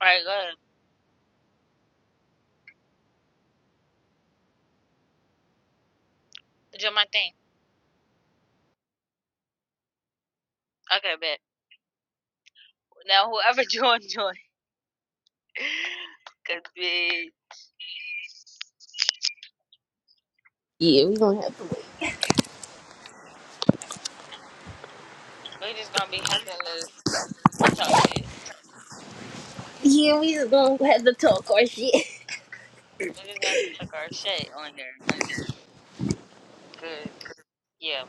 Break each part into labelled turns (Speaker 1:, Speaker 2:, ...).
Speaker 1: Alright, go ahead. Do my thing. Okay, bet. Now whoever join, join. Cause bitch,
Speaker 2: Yeah, we gonna have to wait.
Speaker 1: we just gonna be having to talk shit.
Speaker 2: Yeah, we just gonna have to talk our shit.
Speaker 1: We just gonna talk our shit on here. Cause yeah,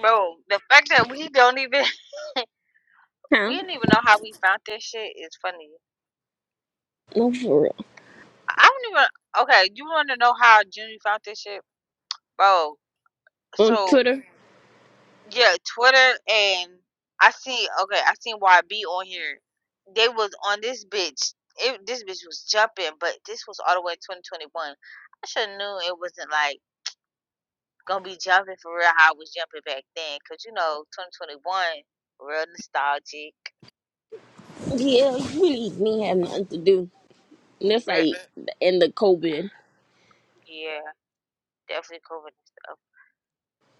Speaker 1: bro, the fact that we don't even we
Speaker 2: Huh?
Speaker 1: didn't even know how we found this shit is funny.
Speaker 2: No, for real.
Speaker 1: I I don't even. Okay, you want to know how Junior found this shit, bro?
Speaker 2: On
Speaker 1: So
Speaker 2: Twitter.
Speaker 1: Yeah, Twitter and I seen okay, I seen YB on here. They was on this bitch. It, this bitch was jumping, but this was all the way in 2021. I should have knew it wasn't like gonna be jumping for real how I was jumping back then, cause you know 2021 real nostalgic.
Speaker 2: Yeah, you really didn't have nothing to do. And that's
Speaker 1: Re
Speaker 2: like the end of COVID.
Speaker 1: yeah, definitely COVID and stuff.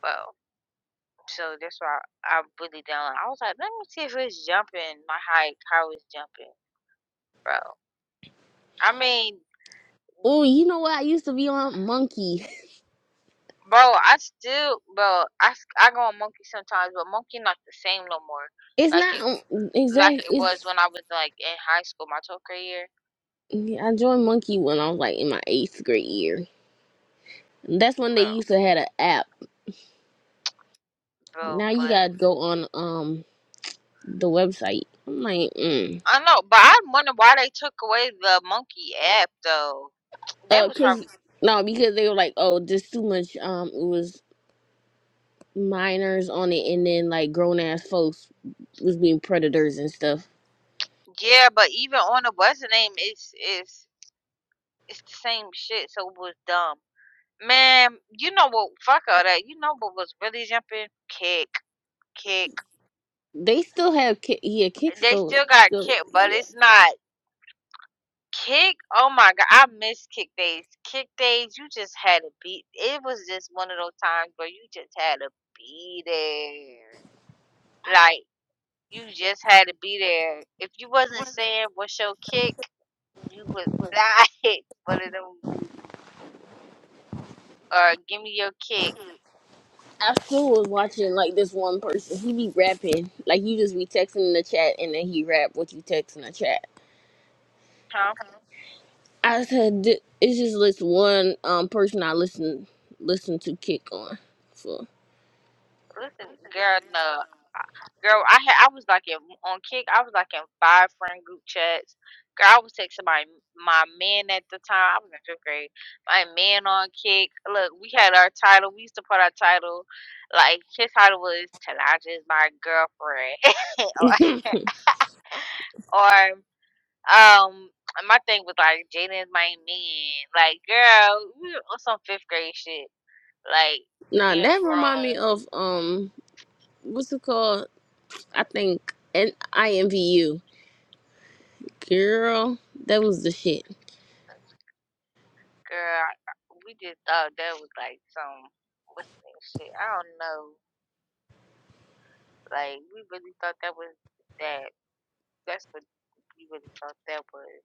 Speaker 1: Well, so that's why I, really down. I was like, let me see if it's jumping my height, how it's jumping, bro. I mean,
Speaker 2: Oh, you know what? I used to be on Monkey.
Speaker 1: Bro, I still, bro, I, s- I go on Monkey sometimes, but Monkey not the same no more.
Speaker 2: It's
Speaker 1: Like
Speaker 2: not
Speaker 1: it,
Speaker 2: on-
Speaker 1: like
Speaker 2: exact.
Speaker 1: it was
Speaker 2: It's
Speaker 1: when I was like in high school, my 12th grade year,
Speaker 2: yeah, I joined Monkey when I was like in my eighth grade year. That's when they
Speaker 1: bro,
Speaker 2: used to have an app.
Speaker 1: bro.
Speaker 2: Now you
Speaker 1: But
Speaker 2: gotta go on um the website. I'm like, mm.
Speaker 1: I know, but I wonder why they took away the Monkey app though. They
Speaker 2: uh,
Speaker 1: was
Speaker 2: cause
Speaker 1: probably
Speaker 2: no, because they were like, oh, there's too much. Um, it was minors on it and then like grown ass folks was being predators and stuff.
Speaker 1: yeah, but even on the what's the name, it's it's it's the same shit. So it was dumb, man. You know what? Fuck all that. You know what was really jumping? Kick, kick.
Speaker 2: They still have ki- yeah, Kick
Speaker 1: They
Speaker 2: still
Speaker 1: still got
Speaker 2: still
Speaker 1: kick, but
Speaker 2: yeah.
Speaker 1: it's not. Kick, oh my god, I miss kick days. Kick days, you just had to beat. It was just one of those times where you just had to be there.
Speaker 2: I,
Speaker 1: Like you just had to be there. If you wasn't saying what's your kick, you was not one of them. Or give me your kick,
Speaker 2: I still was watching like this one person. He be rapping like you just be texting in the chat and then he rap what you text in the chat.
Speaker 1: huh?
Speaker 2: I said "Th- it's just this one um person I listen listen to Kick on for.
Speaker 1: Listen, girl, no, girl, I had, I was like in on kick. I was like in five friend group chats. Girl, I was texting my my man at the time. I was in fifth grade. My man on kick. Look, we had our title. We used to put our title, like his title was "Tanaja is my girlfriend," or or um, my thing was like "Jaden is my man." Like, girl, we were on some fifth grade shit. Like
Speaker 2: Now
Speaker 1: being
Speaker 2: that remind
Speaker 1: grown.
Speaker 2: me of um what's it called? I think N I M V U girl. That was the shit.
Speaker 1: Girl, we just thought that was like some what's that shit? I don't know. Like we really thought that was that. That's what we really thought that was.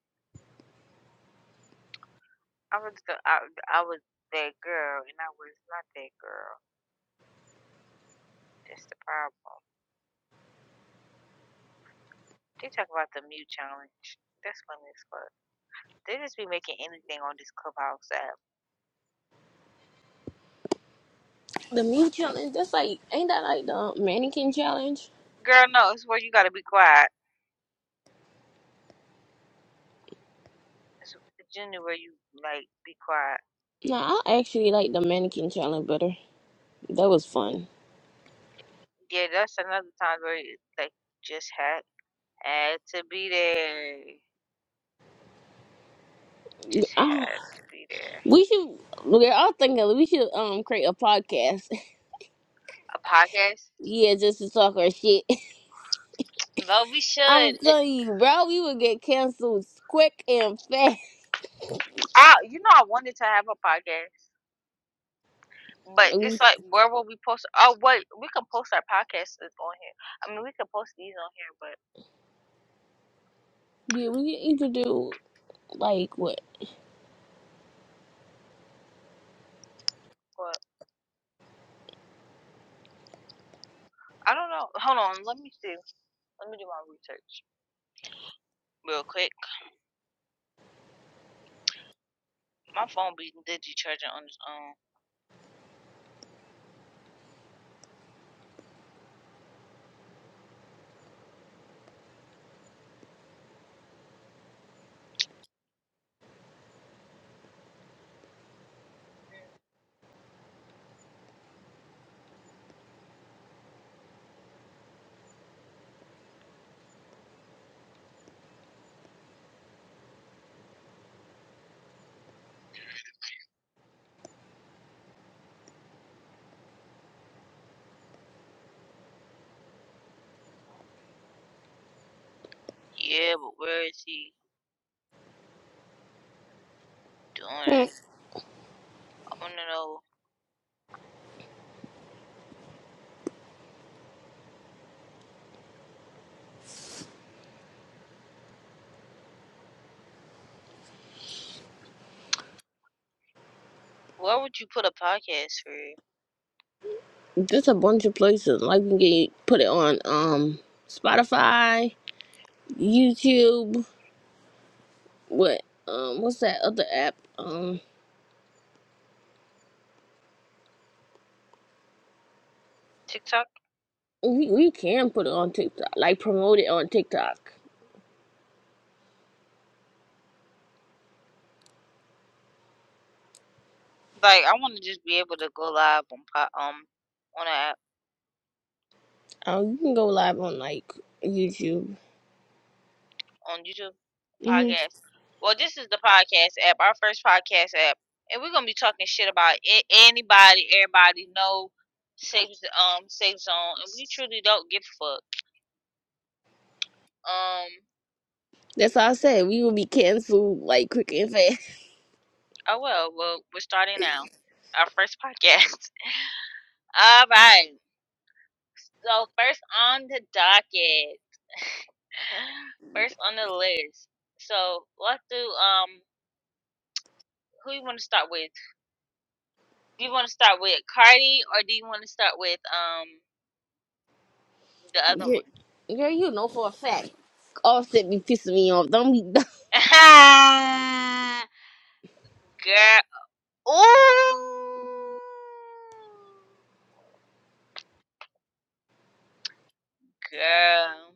Speaker 1: I was the, I, I was that girl, and I was not that girl. That's the problem. They talk about the mute challenge. That's funny as fuck. They just be making anything on this clubhouse app.
Speaker 2: The me challenge, that's like, ain't that like the mannequin challenge?
Speaker 1: Girl, no, it's where you gotta be quiet. It's generally where you like be quiet.
Speaker 2: No, I actually like the mannequin challenge better. That was fun.
Speaker 1: Yeah, that's another time where you, like just hack. Had to be there. Just
Speaker 2: Oh,
Speaker 1: had to be there.
Speaker 2: we should, we're all thinking we should um create a podcast.
Speaker 1: A podcast?
Speaker 2: yeah, just to talk our shit.
Speaker 1: Well, we should.
Speaker 2: I'm
Speaker 1: It,
Speaker 2: telling you, bro, we would get canceled quick and fast.
Speaker 1: I, you know, I wanted to have a podcast, but
Speaker 2: Like,
Speaker 1: it's like, where will we post? Oh, wait, we can post our podcast is on here. I mean, we can post these on here, but,
Speaker 2: we, yeah, we could to do like what?
Speaker 1: but I don't know. Hold on, let me see. Let me do my research real quick. My phone be digi charging on its own. Yeah, but where is he doing?
Speaker 2: Hmm,
Speaker 1: it? I want to know. Where would you put a podcast for?
Speaker 2: Just a bunch of places. Like we can get, put it on um Spotify, YouTube, what? Um, what's that other app? um?
Speaker 1: TikTok?
Speaker 2: We we can put it on TikTok, like promote it on TikTok.
Speaker 1: Like, I wanna just be able to go live on po um, on a app
Speaker 2: Um, you can go live on like YouTube.
Speaker 1: on YouTube
Speaker 2: hmm
Speaker 1: podcast. Well, this is the podcast app, our first podcast app, and we're gonna be talking shit about a anybody, everybody, no safe z um, safe zone, and we truly don't give a fuck. Um,
Speaker 2: That's all I said. We will be canceled like quick and fast.
Speaker 1: oh well, well, we're starting now. Our first podcast. All right. So first on the docket, first on the list. So let's do um, who you want to start with? Do you want to start with Cardi or do you want to start with um the other
Speaker 2: Girl,
Speaker 1: one?
Speaker 2: girl, you know for a fact. Offset be pissing me off. Don't be
Speaker 1: girl, ooh, girl.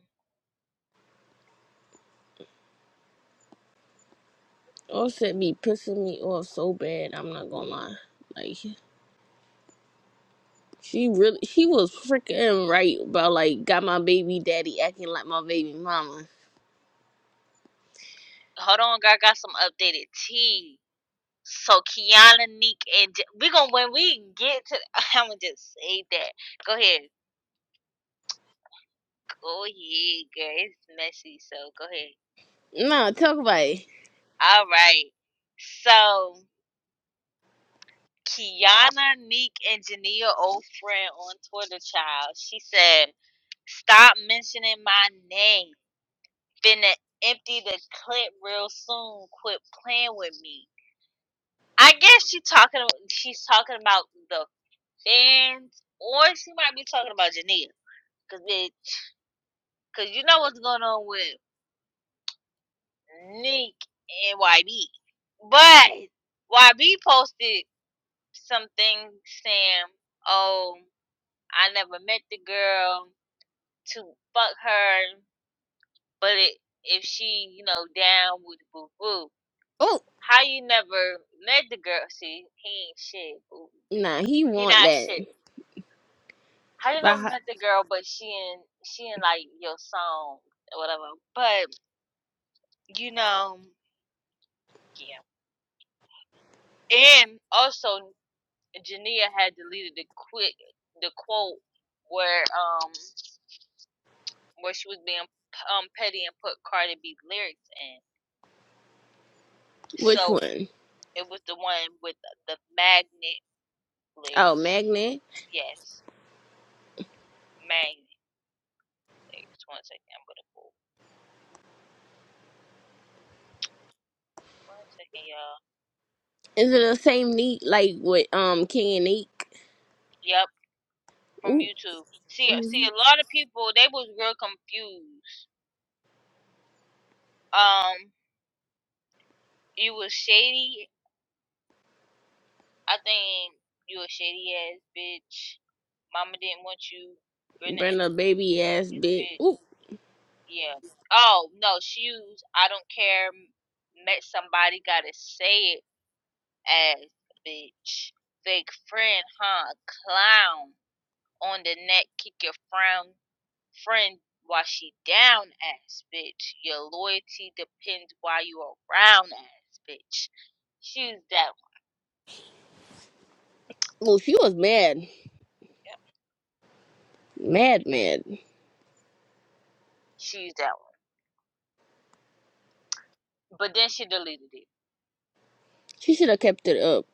Speaker 2: Offset be pissing me off so bad. I'm not gonna lie. Like she really, she was freaking right about like got my baby daddy acting like my baby mama.
Speaker 1: Hold on, girl. I got some updated tea. So Kiana, Neek, and J- we gonna when we get to. I'm gonna just say that. Go ahead, go ahead, girl. It's messy, so go ahead.
Speaker 2: Nah, talk about it.
Speaker 1: All right. So. Kiana Neek Engineer, old friend on Twitter, child. She said, "Stop mentioning my name. Finna empty the clip real soon. Quit playing with me." I guess she talking. She's talking about the fans, or she might be talking about Jania, cause it, cause you know what's going on with Neek and YB. But YB posted something saying, "Oh, I never met the girl." to fuck her, but it, if she, you know, down with boo boo,
Speaker 2: Oh,
Speaker 1: how you never met the girl? See, he ain't shit. Boo. He
Speaker 2: nah, he
Speaker 1: he
Speaker 2: want
Speaker 1: not
Speaker 2: that.
Speaker 1: shit. How you never
Speaker 2: By,
Speaker 1: met the girl, but she in she in like your song or whatever. But you know, yeah. And also, Jania had deleted the quit the quote where um where she was being um petty and put Cardi B lyrics in.
Speaker 2: which
Speaker 1: So
Speaker 2: one?
Speaker 1: It was the one with the magnet
Speaker 2: Oh,
Speaker 1: lyrics.
Speaker 2: Magnet.
Speaker 1: Yes, magnet lyrics. One second, I'm gonna pull. One second, y'all.
Speaker 2: Is it the same neat like with um King and Neek?
Speaker 1: Yep, from
Speaker 2: Oop.
Speaker 1: YouTube. See, see, a
Speaker 2: Mm-hmm.
Speaker 1: lot of people they was real confused. Um, you was shady. I think you a shady ass bitch. Mama didn't want you. Brenda
Speaker 2: Brenda baby ass
Speaker 1: ass
Speaker 2: bitch.
Speaker 1: bitch.
Speaker 2: Oop.
Speaker 1: Yeah. Oh no, she used. I don't care. Met somebody. Gotta say it ass bitch. Fake friend, huh? Clown on the neck, kick your frown friend while she down ass bitch. Your loyalty depends while you around ass bitch. She's that one.
Speaker 2: Well, she was mad.
Speaker 1: Yeah.
Speaker 2: Mad mad.
Speaker 1: She's that one. But then she deleted it.
Speaker 2: She should have kept it up.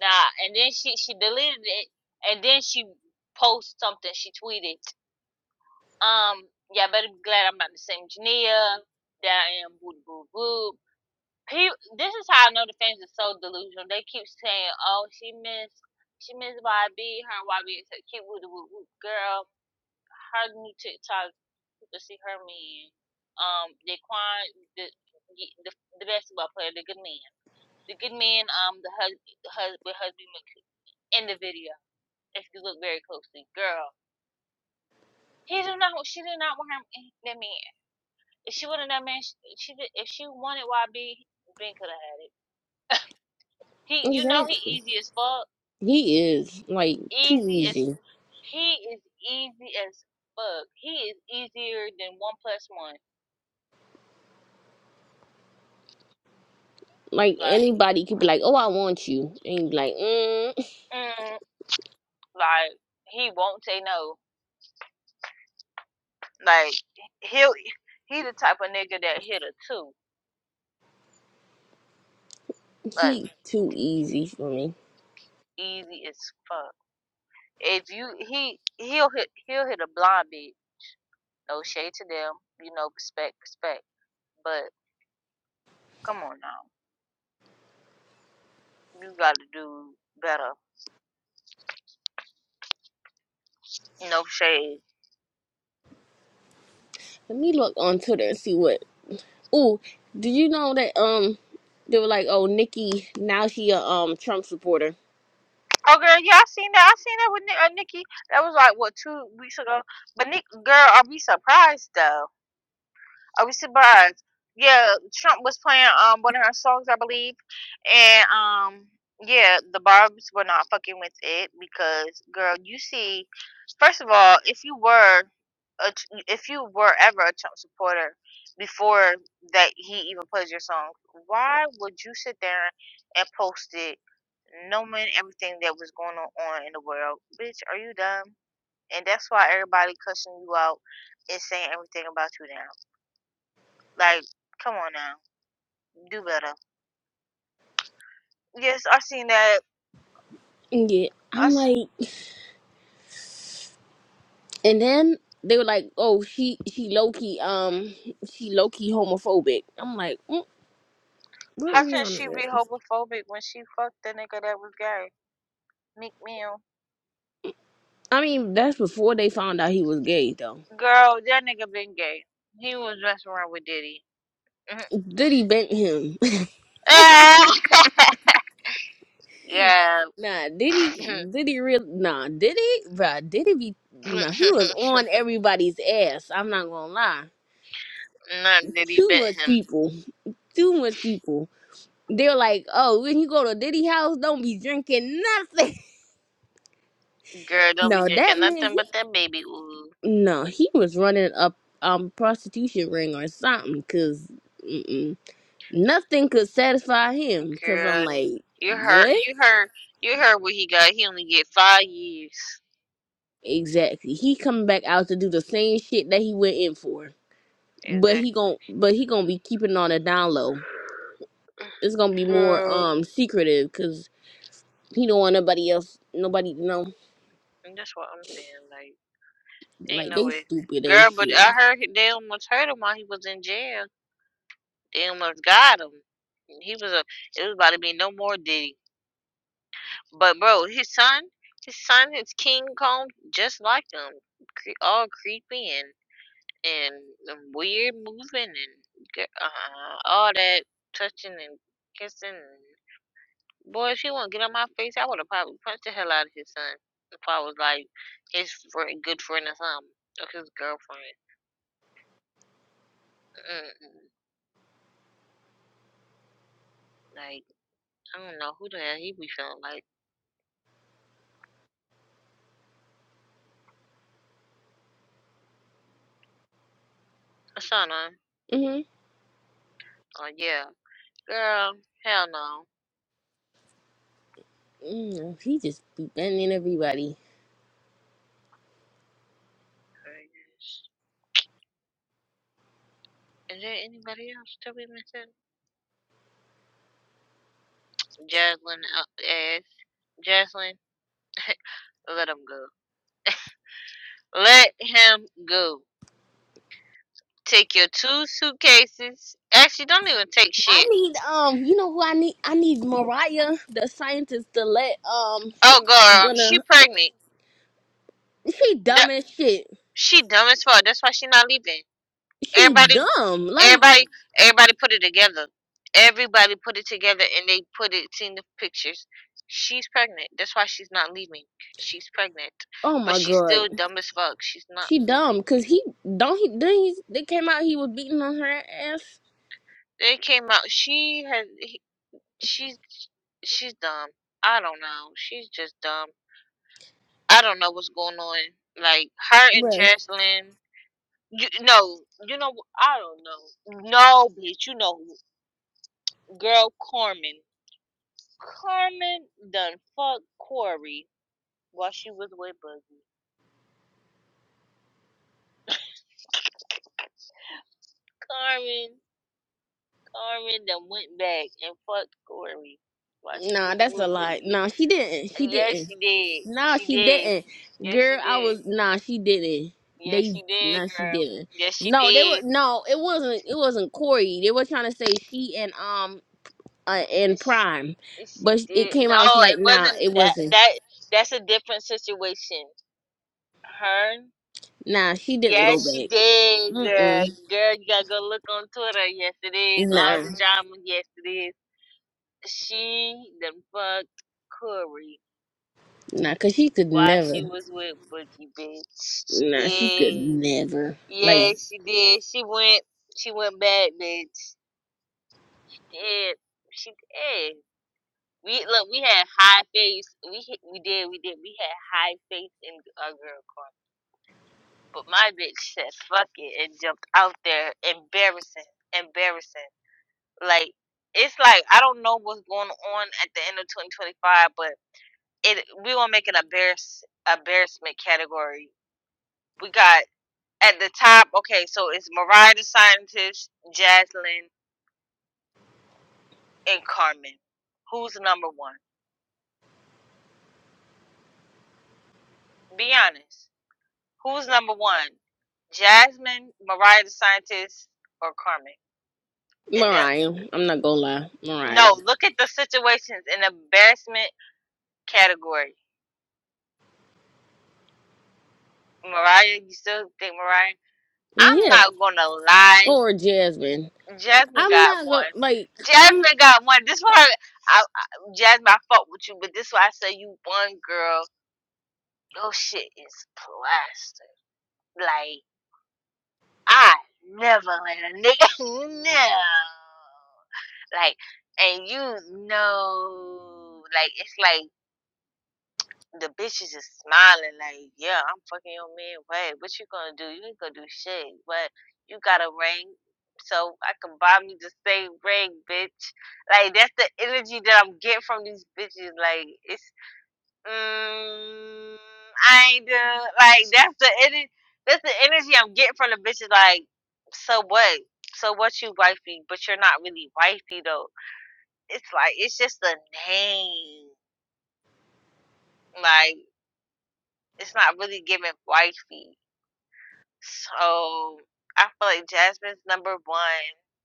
Speaker 1: Nah, and then she she deleted it, and then she posted something. She tweeted, um, yeah, I better be glad I'm not the same Jania that I am. Boo boo boo. He, this is how I know the fans are so delusional. They keep saying, "Oh, she missed, she missed YB. Her and YB is a cute woo woo woo girl. Her new TikTok, you can see her man. Um, Daquan, the the the, the basketball player, the good man, the good man. Um, the husband, the husband, husband in the video. If you look very closely, girl, he did not. She did not want her that man. If she wanted that man, she, she did, if she wanted YB, Ben could have had it. He, you know, he
Speaker 2: Exactly.
Speaker 1: easy as fuck
Speaker 2: He is like too
Speaker 1: Easy as
Speaker 2: easy.
Speaker 1: he is easy as fuck. He is easier than one plus one.
Speaker 2: Like
Speaker 1: Like,
Speaker 2: anybody could be like, Oh, I want you and be like, mm,
Speaker 1: mm, like he won't say no. Like he'll he the type of nigga that hit a two. Like
Speaker 2: he too easy for me.
Speaker 1: easy as fuck. If you he he'll hit he'll hit a blind beat. No shade to them. You know, respect, respect. But come on now, you got to do better. No shade
Speaker 2: Let me look on Twitter and see what Ooh, did you know that um they were like, Oh, Nikki, now she a um Trump supporter.
Speaker 1: Oh, girl, yeah, I seen that. I seen that with Nick, uh, Nikki. That was like what two weeks ago. But Nick, girl, are we surprised though? Are we surprised? Yeah, Trump was playing um one of her songs, I believe, and um yeah, the Barb's were not fucking with it because girl, you see, first of all, if you were a, tr- if you were ever a Trump supporter before that he even plays your song, why would you sit there and post it knowing everything that was going on, on in the world. Bitch, are you dumb? And that's why everybody cussing you out and saying everything about you now. Like, come on now, do better. Yes, I seen that.
Speaker 2: Yeah.
Speaker 1: I
Speaker 2: I'm
Speaker 1: seen.
Speaker 2: like And then they were like, "Oh, she she low key um she low key homophobic." I'm like, mm, "What
Speaker 1: How can she
Speaker 2: Rihanna?"
Speaker 1: be
Speaker 2: At?
Speaker 1: homophobic when she fucked the nigga that was gay? Meek Mill.
Speaker 2: I mean, that's before they found out he was gay, though.
Speaker 1: Girl, that nigga been gay. He was messing around with Diddy. Mm-hmm.
Speaker 2: Diddy bent him.
Speaker 1: yeah.
Speaker 2: nah, Diddy Diddy real nah Diddy bruh, Diddy be nah he was on everybody's ass. I'm not gonna lie.
Speaker 1: Not Diddy
Speaker 2: Too
Speaker 1: bit
Speaker 2: much
Speaker 1: him.
Speaker 2: people. Too much people. They're like, "Oh, when you go to Diddy house, don't be drinking nothing."
Speaker 1: Girl, don't be
Speaker 2: no, that
Speaker 1: drinking
Speaker 2: man, he
Speaker 1: nothing but that baby ooze.
Speaker 2: No, he was running a um prostitution ring or something, cause mm-mm, nothing could satisfy him. Cause I'm
Speaker 1: Girl,
Speaker 2: like,
Speaker 1: you heard,
Speaker 2: what
Speaker 1: you heard, you heard what he got. He only get five years.
Speaker 2: exactly? He coming back out to do the same shit that he went in for, but
Speaker 1: Exactly.
Speaker 2: he gon' but he gonna be keeping on a down low. It's gonna be more
Speaker 1: Hmm.
Speaker 2: um secretive, cause he don't want nobody else, nobody to know.
Speaker 1: And that's what I'm saying. Like, ain't
Speaker 2: Like
Speaker 1: no
Speaker 2: they
Speaker 1: way,
Speaker 2: stupid as
Speaker 1: girl. But I
Speaker 2: shit.
Speaker 1: heard he- they almost hurt him while he was in jail. They almost got him. And He was a. It was about to be no more Diddy. But bro, his son, his son is King Kong, just like him. Cre- all creepy and them weird moving and g- uh, all that touching and kissing. And boy, if she wouldn't get on my face, I would have probably punched the hell out of his son if I was like his friend, good friend or something, or his girlfriend. Mm-mm. Like I don't know who the hell he be feeling like. Asana.
Speaker 2: Mhm.
Speaker 1: Oh yeah, girl. Hell no.
Speaker 2: Mm, he just be bending everybody.
Speaker 1: Goodness. Is there anybody else that we missing? Jaslyn uh, ass. Jaslyn, let him go. Let him go. Take your two suitcases. Actually, don't even take
Speaker 2: I
Speaker 1: shit.
Speaker 2: need um, you know who I need? I need Mariah, the scientist, to let um, he-
Speaker 1: Oh, girl, she
Speaker 2: gonna
Speaker 1: pregnant.
Speaker 2: she dumb
Speaker 1: Du-
Speaker 2: as shit.
Speaker 1: she dumb as fuck. That's why she not leaving.
Speaker 2: She
Speaker 1: Everybody,
Speaker 2: dumb. Like
Speaker 1: everybody, everybody put it together. Everybody put it together, and they put it in the pictures. She's pregnant. That's why she's not leaving. She's pregnant,
Speaker 2: oh
Speaker 1: but
Speaker 2: my
Speaker 1: she's
Speaker 2: god,
Speaker 1: still dumb as fuck. She's not
Speaker 2: she
Speaker 1: leaving.
Speaker 2: dumb. Cause he don't he then he they came out he was beating on her ass.
Speaker 1: They came out. She has. he- She's. She's dumb. I don't know. She's just dumb. I don't know what's going on. Like her and
Speaker 2: Bruh.
Speaker 1: Jaslyn, you no, you know wh- I don't know. No, bitch, you know who- girl Carmen. Carmen done fucked Corey while she was with Boogie. Carmen, Carmen done went back and fucked Corey while she was
Speaker 2: Nah, that's a
Speaker 1: with
Speaker 2: lie.
Speaker 1: Boogie.
Speaker 2: Nah, she didn't. She
Speaker 1: Yes,
Speaker 2: didn't.
Speaker 1: she did.
Speaker 2: Nah,
Speaker 1: She
Speaker 2: she
Speaker 1: did.
Speaker 2: didn't.
Speaker 1: Yes, she
Speaker 2: Girl, I
Speaker 1: did.
Speaker 2: was nah, she didn't.
Speaker 1: Yes,
Speaker 2: They
Speaker 1: she did,
Speaker 2: nah, she
Speaker 1: girl.
Speaker 2: didn't.
Speaker 1: Yes, she
Speaker 2: No, they
Speaker 1: did.
Speaker 2: were no. It wasn't. It wasn't Corey. They were trying to say she and um uh, in
Speaker 1: And She,
Speaker 2: Prime,
Speaker 1: and she
Speaker 2: but it
Speaker 1: did.
Speaker 2: came
Speaker 1: No,
Speaker 2: out. She's like,
Speaker 1: it
Speaker 2: nah, it
Speaker 1: wasn't that.
Speaker 2: wasn't.
Speaker 1: That that's a different situation. Her.
Speaker 2: Nah, she didn't go
Speaker 1: Yes, she
Speaker 2: back.
Speaker 1: did, girl.
Speaker 2: Mm-mm.
Speaker 1: Girl, you gotta go look on Twitter. Yes, it is. All
Speaker 2: Nah,
Speaker 1: the drama. Yes, it is. She done fucked Corey
Speaker 2: nah, cause she could
Speaker 1: while she
Speaker 2: never.
Speaker 1: was with Bookie, bitch. She
Speaker 2: Nah, she could
Speaker 1: did.
Speaker 2: never. Like
Speaker 1: Yes, she did. She went. She went back, bitch. Yeah, she did. We look, we had high faith. We hit- we did, we did. We had high faith in our girl car. But my bitch said fuck it and jumped out there. Embarrassing, embarrassing. Like it's like I don't know what's going on at the end of 2025, but it we gonna make an embarrass embarrassment category. We got at the top. Okay, so it's Mariah the Scientist, Jaslyn, and Carmen. Who's number one? Be honest. Who's number one? Jasmine, Mariah the Scientist, or Carmen? And the
Speaker 2: Mariah, I'm not gonna lie, Mariah.
Speaker 1: no, look at the situations in the embarrassment category. Mariah, you still think Mariah? I'm
Speaker 2: Yeah,
Speaker 1: not gonna lie.
Speaker 2: or Jasmine.
Speaker 1: Jasmine
Speaker 2: I'm
Speaker 1: got
Speaker 2: not gonna
Speaker 1: one.
Speaker 2: like. I'm.
Speaker 1: Jasmine got one. This one, I, I, I- Jasmine, I fuck with you, but this why I say you one girl. Your shit is plastered. Like I never let a nigga no. Like, and you know, like it's like the bitch is just smiling, like, yeah, I'm fucking your man. What? What you gonna do? You ain't gonna do shit. What? You got a ring, so I can buy me the same ring, bitch. Like that's the energy that I'm getting from these bitches. Like it's, mm, I ain't do like that's the energy. That's the energy I'm getting from the bitches. Like, so what? So what you wifey? But you're not really wifey though it's like it's just a name. Like it's not really giving wifey. So I feel like Jasmine's number one.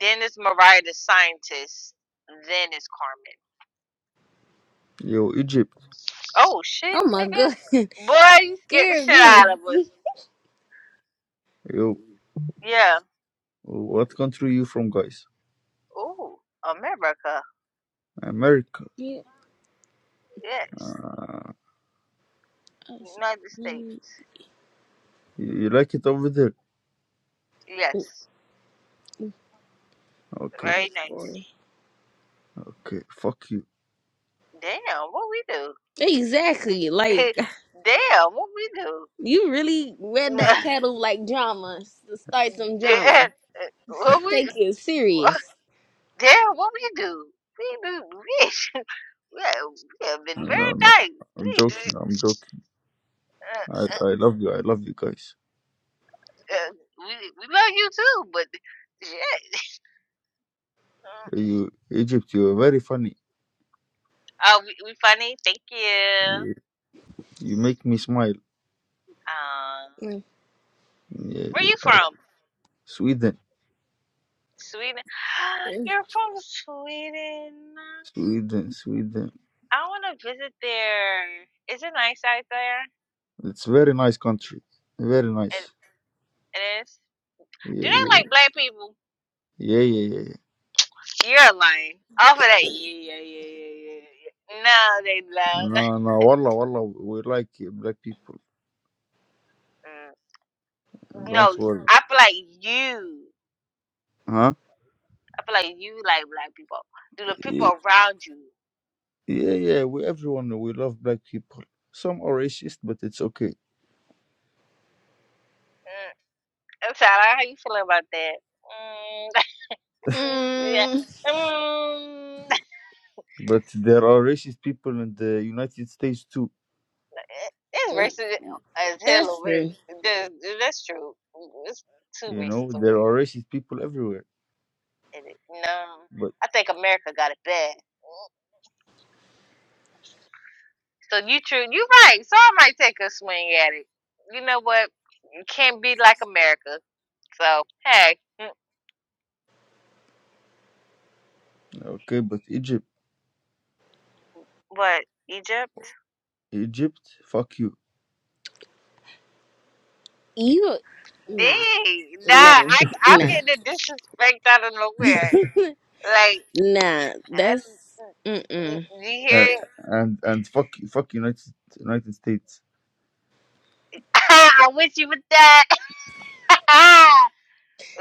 Speaker 1: Then it's Mariah the scientist. Then it's Carmen.
Speaker 3: Yo, Egypt.
Speaker 1: Oh shit,
Speaker 2: Oh my
Speaker 1: nigga.
Speaker 2: god,
Speaker 1: Boy, you scared the
Speaker 2: scared
Speaker 1: shit out
Speaker 2: me.
Speaker 1: of us.
Speaker 3: Yo,
Speaker 1: Yeah.
Speaker 3: what country you from, guys?
Speaker 1: Ooh, America.
Speaker 3: America.
Speaker 2: yeah.
Speaker 1: Yes.
Speaker 2: I
Speaker 1: United
Speaker 2: should-
Speaker 1: States.
Speaker 2: mm,
Speaker 3: You, you like it over there?
Speaker 2: oh,
Speaker 1: Yes.
Speaker 3: Okay,
Speaker 1: Very nice.
Speaker 2: boy.
Speaker 3: okay. Fuck you.
Speaker 1: Damn, what we do?
Speaker 2: Exactly. Like
Speaker 1: Damn, what we
Speaker 2: you really read
Speaker 1: do?
Speaker 2: that title like drama to start some drama.
Speaker 1: Damn, what we,
Speaker 2: Take you
Speaker 1: what,
Speaker 2: serious.
Speaker 1: damn, what we do? We do, we, we have, we have been
Speaker 3: No,
Speaker 1: very
Speaker 3: no, no,
Speaker 1: nice.
Speaker 3: I'm
Speaker 1: We, do-
Speaker 3: joking. I'm joking.
Speaker 1: uh,
Speaker 3: I,
Speaker 1: uh,
Speaker 3: I love you. I love you guys.
Speaker 1: uh, we, we love you too, but shit. Uh,
Speaker 3: You, Egypt. You are very funny.
Speaker 1: Oh, we, we funny. Thank you.
Speaker 3: You, you make me smile.
Speaker 1: Um,
Speaker 3: Yeah,
Speaker 1: where
Speaker 3: yeah.
Speaker 1: you
Speaker 3: okay.
Speaker 1: from?
Speaker 3: Sweden,
Speaker 1: Sweden.
Speaker 2: Mm,
Speaker 1: You're from Sweden.
Speaker 3: Sweden, Sweden.
Speaker 1: I want to visit there. Is it nice out there?
Speaker 3: It's very nice country. Very
Speaker 1: It,
Speaker 3: nice.
Speaker 1: it is.
Speaker 3: Yeah,
Speaker 1: Do they
Speaker 3: yeah,
Speaker 1: like black people?
Speaker 3: yeah, yeah, yeah. yeah.
Speaker 1: You're lying. Off of that, yeah, yeah, yeah, yeah, yeah. yeah. No, they love.
Speaker 3: No, no. Wallah, wallah. We like black people.
Speaker 1: Mm.
Speaker 3: Don't
Speaker 1: no,
Speaker 3: worry.
Speaker 1: I feel like you.
Speaker 3: Huh?
Speaker 1: I feel like you like black people. Do the
Speaker 3: Yeah.
Speaker 1: people around you?
Speaker 3: Yeah, yeah. We everyone we love black people. Some are racist, but it's okay.
Speaker 1: Mm. I'm sorry. How you feeling about that? Mm. You- yeah. Mm.
Speaker 3: But there are racist people in the United States too.
Speaker 1: It's racist as hell
Speaker 2: that's
Speaker 1: over here.
Speaker 2: true.
Speaker 1: That- That's true. It's too
Speaker 3: You know,
Speaker 1: racist over
Speaker 3: there
Speaker 1: here.
Speaker 3: are racist people everywhere.
Speaker 1: It is. No,
Speaker 3: But
Speaker 1: I think America got it bad. So you true, you right. So I might take a swing at it. You know what? You can't be like America. So hey, Mm,
Speaker 3: okay, but Egypt,
Speaker 1: What, Egypt?
Speaker 3: Egypt, fuck you,
Speaker 2: You nah,
Speaker 1: dang,
Speaker 2: nah,
Speaker 1: nah, I I'm
Speaker 2: nah,
Speaker 1: getting a disrespect out of nowhere. Like,
Speaker 2: nah.
Speaker 1: I,
Speaker 2: That's
Speaker 1: you
Speaker 2: mm-mm.
Speaker 3: and
Speaker 1: hear? it?
Speaker 3: and, and fuck fuck United United States.
Speaker 1: I wish you would that.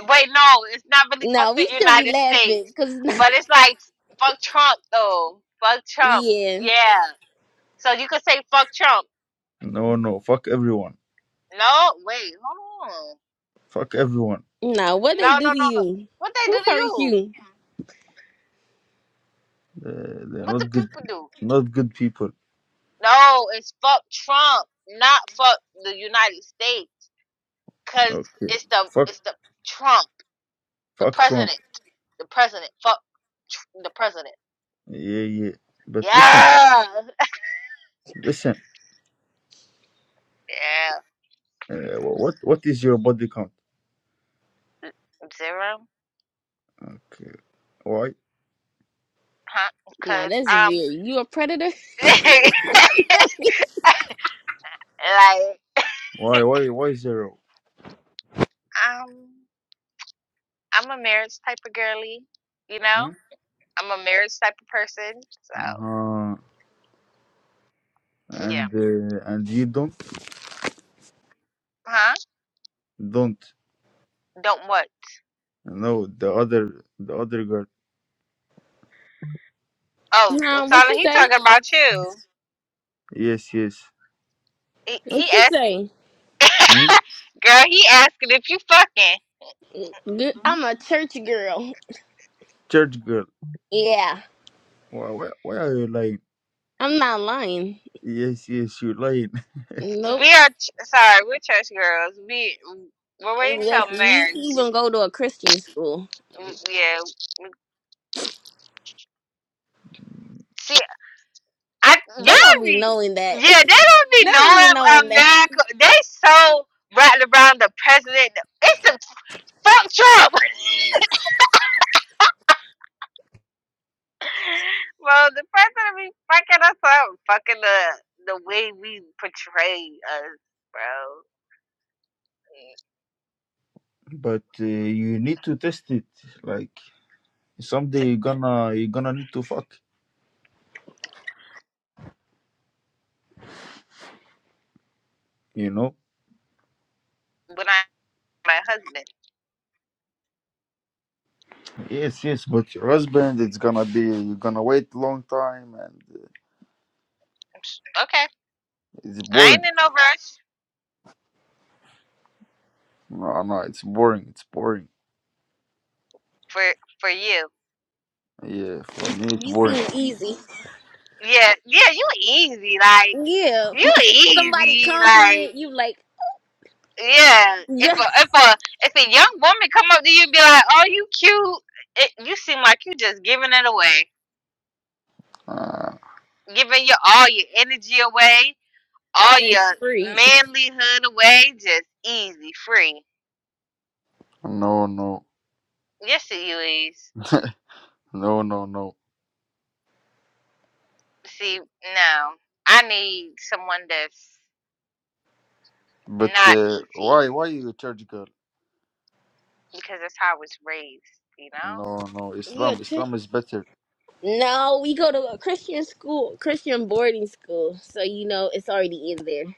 Speaker 1: Wait, no, it's not really fuck
Speaker 2: Nah,
Speaker 1: the
Speaker 2: we should be
Speaker 1: United
Speaker 2: laughing,
Speaker 1: States,
Speaker 2: cause
Speaker 1: but it's like fuck Trump though. Fuck Trump.
Speaker 2: yeah,
Speaker 1: Yeah. So you could say fuck Trump.
Speaker 3: No, no, fuck everyone,
Speaker 1: No, wait, hold on.
Speaker 3: fuck everyone.
Speaker 2: nah. What they
Speaker 1: No, no,
Speaker 2: do to
Speaker 1: no, no.
Speaker 2: you?
Speaker 1: What they
Speaker 2: Who
Speaker 1: do to
Speaker 2: hurt
Speaker 1: you?
Speaker 2: you?
Speaker 3: Uh, they're
Speaker 1: What the
Speaker 3: not good,
Speaker 1: people do?
Speaker 3: not good people.
Speaker 1: No, it's fuck Trump, not fuck the United States, cause
Speaker 3: Okay,
Speaker 1: it's the
Speaker 3: fuck
Speaker 1: it's the Trump, the
Speaker 3: fuck Trump.
Speaker 1: president, the president, fuck the president.
Speaker 3: Yeah, yeah. But listen,
Speaker 1: Yeah,
Speaker 3: listen.
Speaker 1: yeah,
Speaker 3: Uh, wh- what what is your body count?
Speaker 1: zero,
Speaker 3: Okay. why?
Speaker 1: huh?
Speaker 2: Nah,
Speaker 1: Cause
Speaker 2: that's
Speaker 1: um,
Speaker 2: weird. You a predator?
Speaker 1: like
Speaker 3: Why, why, why zero?
Speaker 1: um, I'm a marriage type of girly, you
Speaker 3: Hmm?
Speaker 1: know. I'm a marriage type of person, so
Speaker 3: Uh-huh.
Speaker 1: yeah,
Speaker 3: And uh, and you don't,
Speaker 1: huh?
Speaker 3: don't.
Speaker 1: Don't what?
Speaker 3: No, the other, the other girl.
Speaker 1: Oh,
Speaker 2: Nah, what
Speaker 1: Silent,
Speaker 2: you
Speaker 1: he
Speaker 2: say?
Speaker 1: talking about you.
Speaker 3: Yes, yes.
Speaker 1: He, he
Speaker 2: What you say?
Speaker 3: Hmm?
Speaker 1: asked, girl, he asking if you fucking.
Speaker 2: Good- I'm a church girl.
Speaker 3: Church girl.
Speaker 2: Yeah,
Speaker 3: Why, why, why are you lying?
Speaker 2: I'm not lying.
Speaker 3: Yes, yes, you're lying.
Speaker 2: Nope.
Speaker 1: We are ch- sorry, we're church girls. We we're waiting till
Speaker 2: Exactly. We
Speaker 1: marriage.
Speaker 2: even go to a Christian school.
Speaker 1: Yeah, see, I
Speaker 2: They don't
Speaker 1: y'all
Speaker 2: be
Speaker 1: be
Speaker 2: knowing that.
Speaker 1: yeah, they don't be
Speaker 2: they don't be
Speaker 1: knowing
Speaker 2: knowing that.
Speaker 1: America. They so rattled around the president. It's the fuck Trump. well, the president be fucking us up, fucking the the way we portray us, bro.
Speaker 3: But uh, you need to test it. Like someday you're gonna, you're gonna need to fuck. You know?
Speaker 1: when I my husband.
Speaker 3: Yes, yes. But your husband, it's gonna be, you're gonna wait long time, and uh,
Speaker 1: Okay,
Speaker 3: it's
Speaker 1: I ain't
Speaker 3: boring.
Speaker 1: in no rush
Speaker 3: No, no, it's boring. It's boring.
Speaker 1: for for you.
Speaker 3: Yeah, for me, it's
Speaker 2: You seem
Speaker 3: boring.
Speaker 2: easy.
Speaker 1: Yeah, yeah, you easy like
Speaker 2: Yeah.
Speaker 1: you
Speaker 2: Somebody
Speaker 1: easy like
Speaker 2: compliment you like,
Speaker 1: yeah. If
Speaker 2: yeah,
Speaker 1: a if a if a young woman come up to you and be like, "Oh, you cute," it, you seem like you just giving it away,
Speaker 3: Uh,
Speaker 1: giving your all your energy away, all
Speaker 2: it's
Speaker 1: your
Speaker 2: free.
Speaker 1: manlyhood away, just easy free.
Speaker 3: No, no,
Speaker 1: Yes, it you is.
Speaker 3: no, no, no.
Speaker 1: See, no, I need someone that's
Speaker 3: But
Speaker 1: not
Speaker 3: uh,
Speaker 1: easy
Speaker 3: why, why you church girl?
Speaker 1: because that's how I was raised, you know?
Speaker 3: No, no.
Speaker 2: Yeah.
Speaker 3: Islam,
Speaker 2: Chri-
Speaker 3: Islam is better.
Speaker 2: No, we go to a Christian school, Christian boarding school, so you know it's already in there.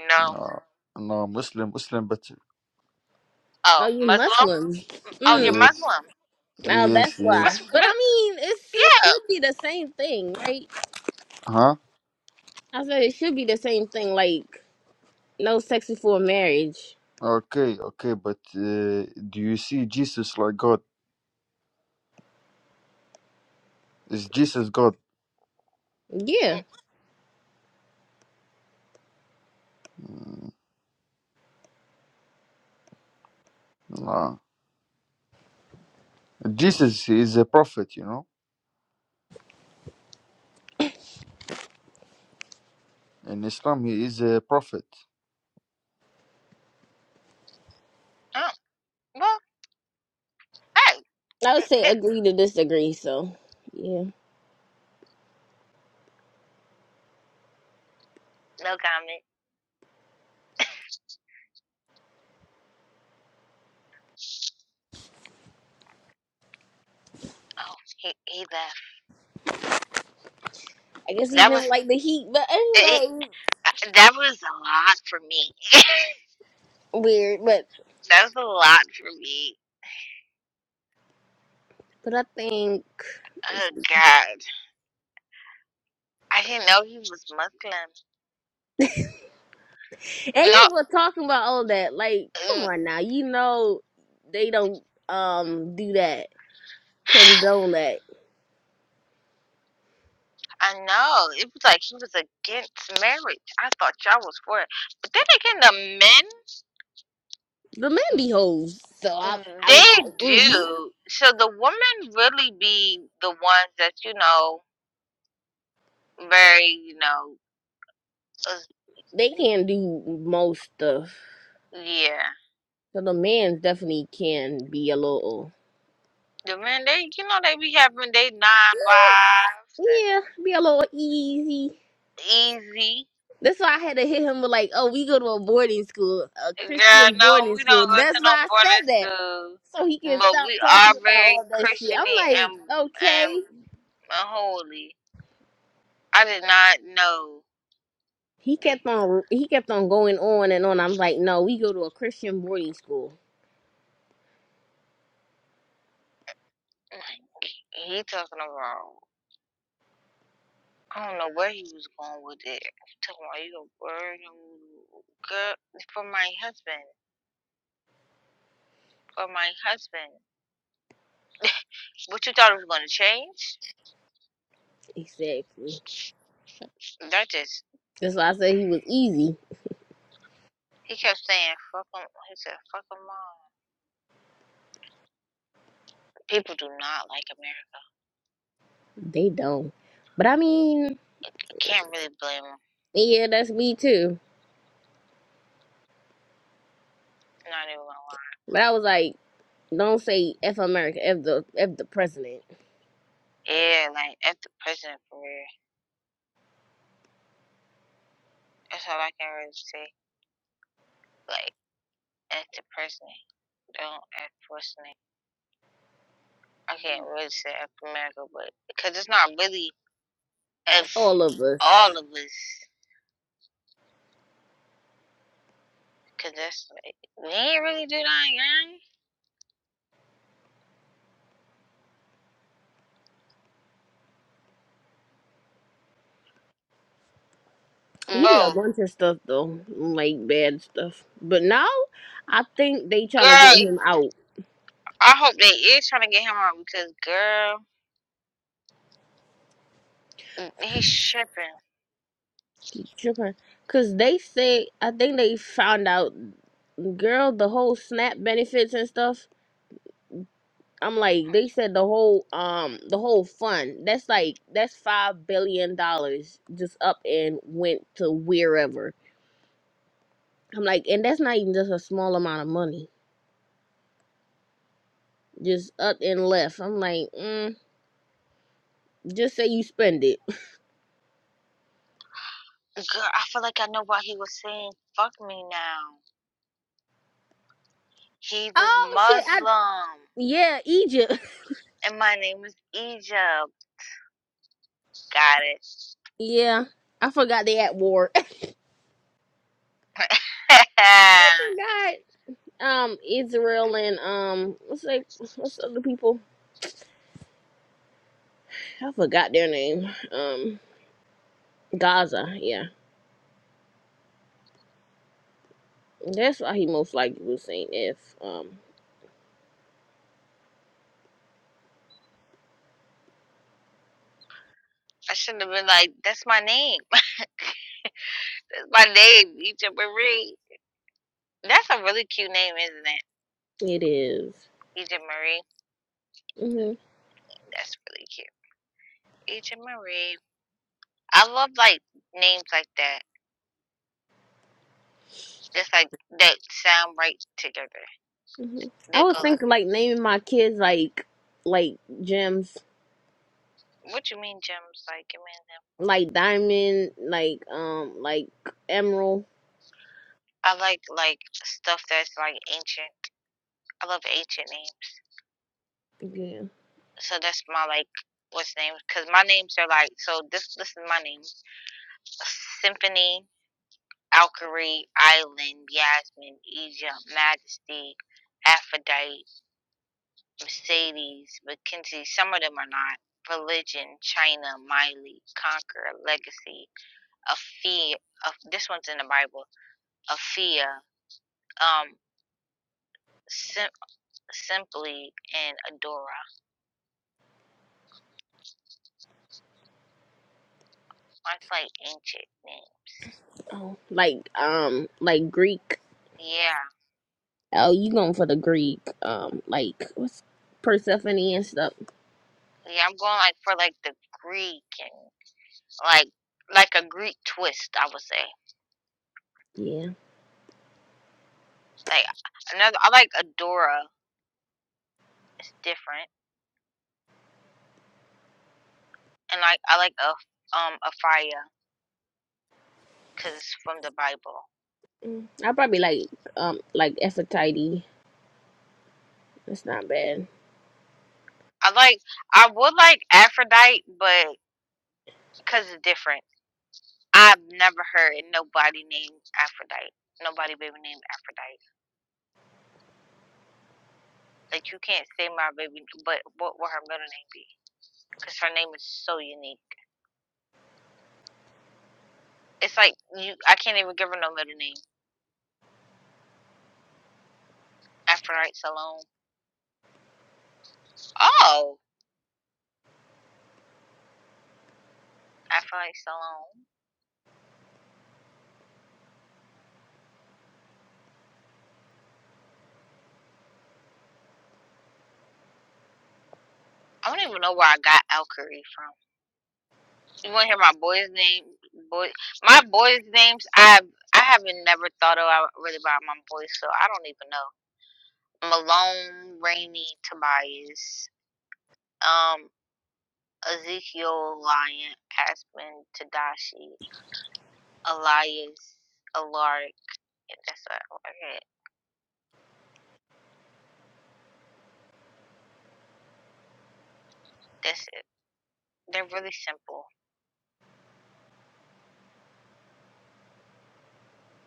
Speaker 1: You know,
Speaker 3: No, no. Muslim, Muslim better.
Speaker 2: No,
Speaker 1: oh,
Speaker 2: you
Speaker 1: Muslim?
Speaker 2: Muslim.
Speaker 1: Oh, you're
Speaker 2: Mm.
Speaker 3: Yes,
Speaker 1: Muslim.
Speaker 2: Now
Speaker 3: yes,
Speaker 2: that's why.
Speaker 1: What's,
Speaker 3: yes.
Speaker 2: But I
Speaker 1: what,
Speaker 2: mean, it's, it
Speaker 1: yeah.
Speaker 2: should be the same thing, right?
Speaker 3: Huh?
Speaker 2: I said it should be the same thing. Like no sex before marriage.
Speaker 3: Okay, okay. But uh, do you see Jesus like God? Is Jesus God?
Speaker 2: Yeah.
Speaker 1: Mm,
Speaker 3: Mm, No. Jesus is a prophet, you know. In Islam, he is a prophet.
Speaker 1: Oh, well, hey.
Speaker 2: I would say
Speaker 1: th-
Speaker 2: agree to disagree. So. yeah.
Speaker 1: No comment. Oh, he, he left.
Speaker 2: I guess he
Speaker 1: That
Speaker 2: didn't
Speaker 1: was,
Speaker 2: like the heat, but
Speaker 1: it,
Speaker 2: anyway,
Speaker 1: that was a lot for me.
Speaker 2: weird. But
Speaker 1: That was a lot for me.
Speaker 2: but I think, and
Speaker 1: Oh, God. I didn't know he was Muslim.
Speaker 2: he
Speaker 1: No,
Speaker 2: was talking about all that. Like, come
Speaker 1: mm,
Speaker 2: on now, you know they don't um do that, condone that.
Speaker 1: I know. It was like he was against marriage. I thought y'all was for it. But then again, the
Speaker 2: The man
Speaker 1: men.
Speaker 2: be hoes, so I
Speaker 1: Mm.
Speaker 2: I was
Speaker 1: They
Speaker 2: like, mm-hmm.
Speaker 1: do. So the women really be the ones that, you know, very, you know, uh,
Speaker 2: they can do most stuff.
Speaker 1: yeah.
Speaker 2: So the man definitely can be a little,
Speaker 1: The men, they, you know, they be having they nine wives
Speaker 2: yeah, be a little easy.
Speaker 1: and easy.
Speaker 2: That's why I had to hit him with like, oh, we go to a boarding school, a
Speaker 1: Girl,
Speaker 2: Christian
Speaker 1: no,
Speaker 2: boarding
Speaker 1: we
Speaker 2: school.
Speaker 1: don't go to
Speaker 2: That's
Speaker 1: no
Speaker 2: why I said
Speaker 1: boarding
Speaker 2: that.
Speaker 1: school,
Speaker 2: so he can
Speaker 1: but
Speaker 2: stop
Speaker 1: we are
Speaker 2: talking about
Speaker 1: very
Speaker 2: all that shit. I'm
Speaker 1: Christiany
Speaker 2: like,
Speaker 1: and and,
Speaker 2: okay.
Speaker 1: and holy. I did not know.
Speaker 2: He
Speaker 1: They,
Speaker 2: kept on he kept on going on and on. I'm like, no, we go to a Christian boarding school.
Speaker 1: he talking about. I don't know where he was going with it. Talking about you gonna burn him, girl for my husband. For my husband. What you thought it was gonna change?
Speaker 2: Exactly.
Speaker 1: That just
Speaker 2: That's why I said he was easy.
Speaker 1: he kept saying fuck him he said fuck him all." People do not like America.
Speaker 2: They don't. But I mean,
Speaker 1: I can't really blame him.
Speaker 2: yeah, that's me too.
Speaker 1: Not even gonna lie.
Speaker 2: But I was like, don't say F America, F the F the president.
Speaker 1: Yeah, like that's the president for real. That's all I can really say. Like that's the president. Don't act personally. I can't really say F America, but because it's not really F
Speaker 2: All of us.
Speaker 1: all of us. Cause that's like, we ain't really do that, gang.
Speaker 2: He did a
Speaker 1: Bro,
Speaker 2: bunch of stuff though. Like bad stuff. But now I think they trying to get
Speaker 1: girl,
Speaker 2: him out.
Speaker 1: I hope they is trying to get him out because girl, mm, he's tripping.
Speaker 2: Tripping, cause they say I think they found out, girl, the whole SNAP benefits and stuff. I'm like, they said the whole um the whole fund. That's like that's five billion dollars just up and went to wherever. I'm like, and that's not even just a small amount of money, just up and left. I'm like, mm, just say you spend it.
Speaker 1: Girl, I feel like I know why he was saying "fuck me" now. He was
Speaker 2: Oh shit! I
Speaker 1: Muslim,
Speaker 2: yeah, Egypt.
Speaker 1: and my name is Egypt. Got it.
Speaker 2: Yeah, I forgot they at war. I
Speaker 1: I
Speaker 2: forgot. um Israel and um what's they what's the other people? I forgot their name. Um Gaza, yeah. That's why he most likely was saying if um
Speaker 1: shouldn't have been like, "That's my name. That's my name, Egypt Marie." That's a really cute name, isn't it?
Speaker 2: it is.
Speaker 1: Egypt Marie.
Speaker 2: Mhm.
Speaker 1: That's really cute. Egypt Marie. I love like names like that. Just like that sound right together.
Speaker 2: Mhm. I
Speaker 1: They
Speaker 2: was
Speaker 1: go
Speaker 2: thinking
Speaker 1: like,
Speaker 2: like naming my kids like like gems,
Speaker 1: "What you mean gems?" Like, I mean them.
Speaker 2: like diamond, like um like emerald.
Speaker 1: I like like stuff that's like ancient. I love ancient names.
Speaker 2: Yeah.
Speaker 1: So that's my like what's name? Because my names are like so. This this is my name: Symphony, Alkari, Island, Yasmin, Egypt, Majesty, Aphrodite, Mercedes, Mackenzie. Some of them are not. Religion, China, Miley, Conquer, Legacy, a fear of this one's in the Bible, a fear, um, sim- simply and Adora. That's like ancient name.
Speaker 2: Oh, like um like Greek.
Speaker 1: Yeah,
Speaker 2: Oh, you going for the Greek um like what's Persephone and stuff.
Speaker 1: yeah. I'm going like for like the Greek and like like a Greek twist. I would say
Speaker 2: Yeah.
Speaker 1: like another. I like Adora. It's different, and like I like a um a fire because it's from the Bible.
Speaker 2: Mm, I probably like um like Aphrodite. That's not bad.
Speaker 1: I like I would like Aphrodite, but because it's different. I've never heard nobody named Aphrodite. Nobody baby named Aphrodite. Like you can't say my baby, but what will her middle name be? Because her name is so unique. It's like you, I can't even give her no middle name. Aphrodite Salome. Oh, Aphrodite Salome. I don't even know where I got Alkery from. You want to hear my boy's name? Boy, my boys' names. I I haven't never thought about really about my boys, so I don't even know. Malone, Rainey, Tobias. Um. Ezekiel Lyon, Aspen Tadashi, Elias Alaric. That's a, okay. That's it. They're really simple.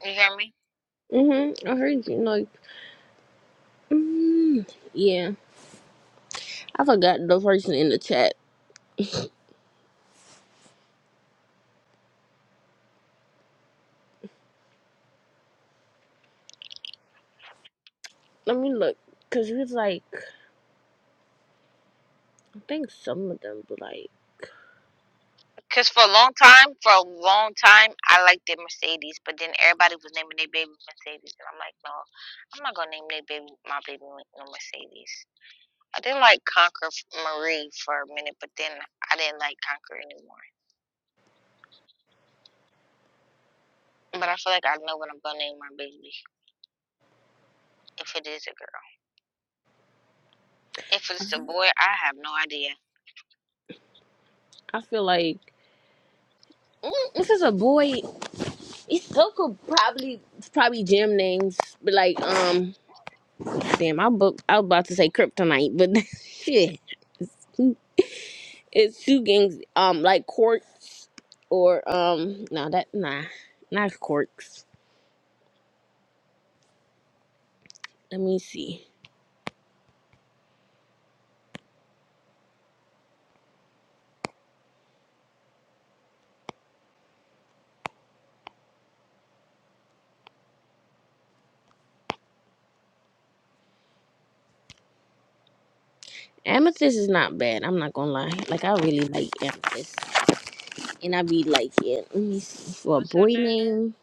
Speaker 1: You hear me?
Speaker 2: Mhm. I heard you like. Mm, yeah, I forgot the person in the chat. Let me look, cause he was like, I think some of them, but like,
Speaker 1: Because for a long time, for a long time, I liked the Mercedes, but then everybody was naming their baby Mercedes, and I'm like, no, I'm not gonna name their baby my baby no Mercedes. I did like Conquer Marie for a minute, but then I didn't like Conquer anymore. But I feel like I know what I'm gonna name my baby if it is a girl. If it's a boy, I have no idea.
Speaker 2: I feel like mm, if it's a boy, it still could probably it's probably gym names, but like um, damn, I book I was about to say Kryptonite, but shit, it's two gangs um like Quartz or um no that nah not Quartz. Let me see. Amethyst is not bad. I'm not gonna lie. Like I really like amethyst, and I be like it. Let me see for a
Speaker 1: What's her
Speaker 2: boy
Speaker 1: name?
Speaker 2: name.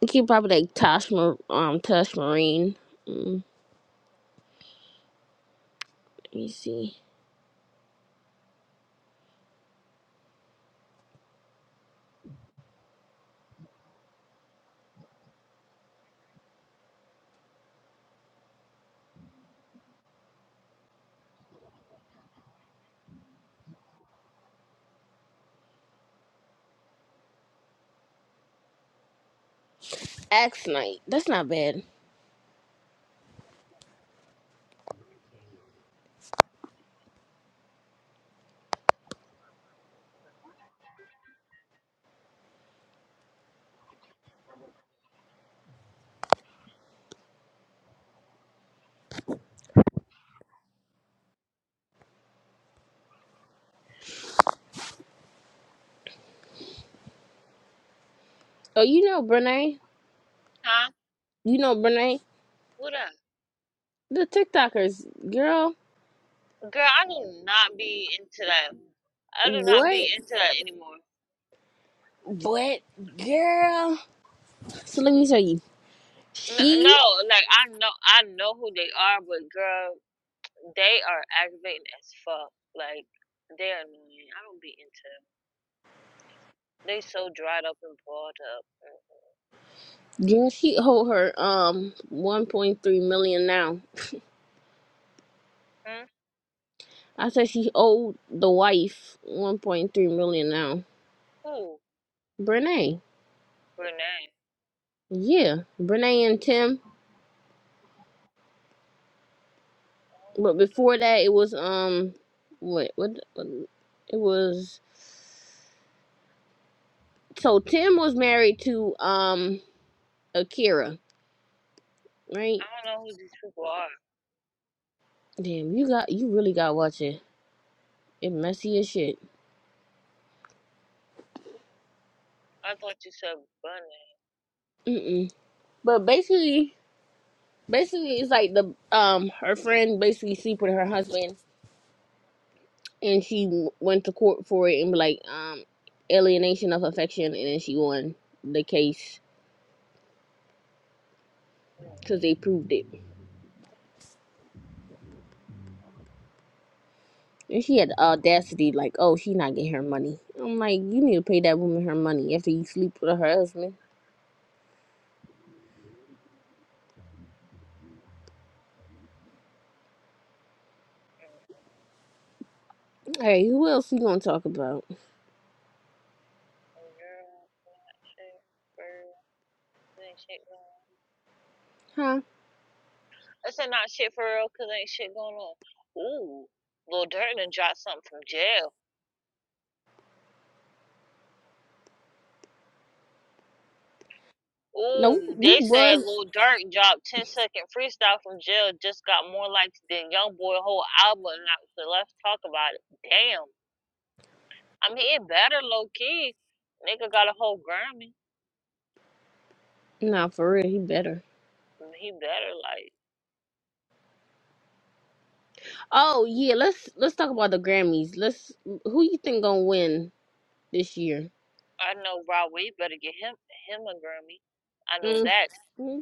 Speaker 2: You can probably like Tosh, Mar- um, Tosh Marine. Mm, let me see. Axe Knight. That's not bad. Oh, you know Brene.
Speaker 1: Huh?
Speaker 2: You know Brene.
Speaker 1: What up?
Speaker 2: The TikTokers, girl.
Speaker 1: Girl, I do not be into that. I do not be
Speaker 2: What?
Speaker 1: into that anymore.
Speaker 2: What, girl? So let me tell you.
Speaker 1: No,
Speaker 2: She,
Speaker 1: no, like I know, I know who they are, but girl, they are aggravating as fuck. Like they're annoying. I don't be into them. They so dried up and balled up.
Speaker 2: girl, she hold her um 1.3 million now.
Speaker 1: Hmm?
Speaker 2: I said she owed the wife 1.3 million dollars now.
Speaker 1: Who?
Speaker 2: Brene.
Speaker 1: Brene.
Speaker 2: Yeah. Brene and Tim.
Speaker 1: I don't know
Speaker 2: But
Speaker 1: who
Speaker 2: before
Speaker 1: them-
Speaker 2: that it was um what what, what it was so Tim was married to um Akira, right?
Speaker 1: I don't know who these people are.
Speaker 2: Damn, you got you really got to watch it. It messy as shit.
Speaker 1: I thought you said Bunny.
Speaker 2: Mm-mm. But basically basically it's like the um her friend basically sleep with her husband and she w- went to court for it and be like um alienation of affection and then she won the case because they proved it and she had the audacity like oh she not getting her money i'm like you need to pay that woman her money after you sleep with her husband hey who else we gonna talk about
Speaker 1: Girl, shit, bird, ain't shit going
Speaker 2: huh
Speaker 1: I said, not shit for real, cause ain't shit going on. Ooh, Lil Durk done dropped something from jail.
Speaker 2: no
Speaker 1: Ooh,
Speaker 2: we
Speaker 1: they said
Speaker 2: was
Speaker 1: Lil Durk dropped 10 second freestyle from jail, just got more likes than Youngboy whole album. Now, so let's talk about it. Damn, I mean it better low key. Nigga got a whole Grammy.
Speaker 2: nah for real he better
Speaker 1: He better like
Speaker 2: oh yeah let's let's talk about the grammys let's who you think gonna win this year
Speaker 1: I know Rob Wade better get him him a Grammy. I know
Speaker 2: mm,
Speaker 1: that.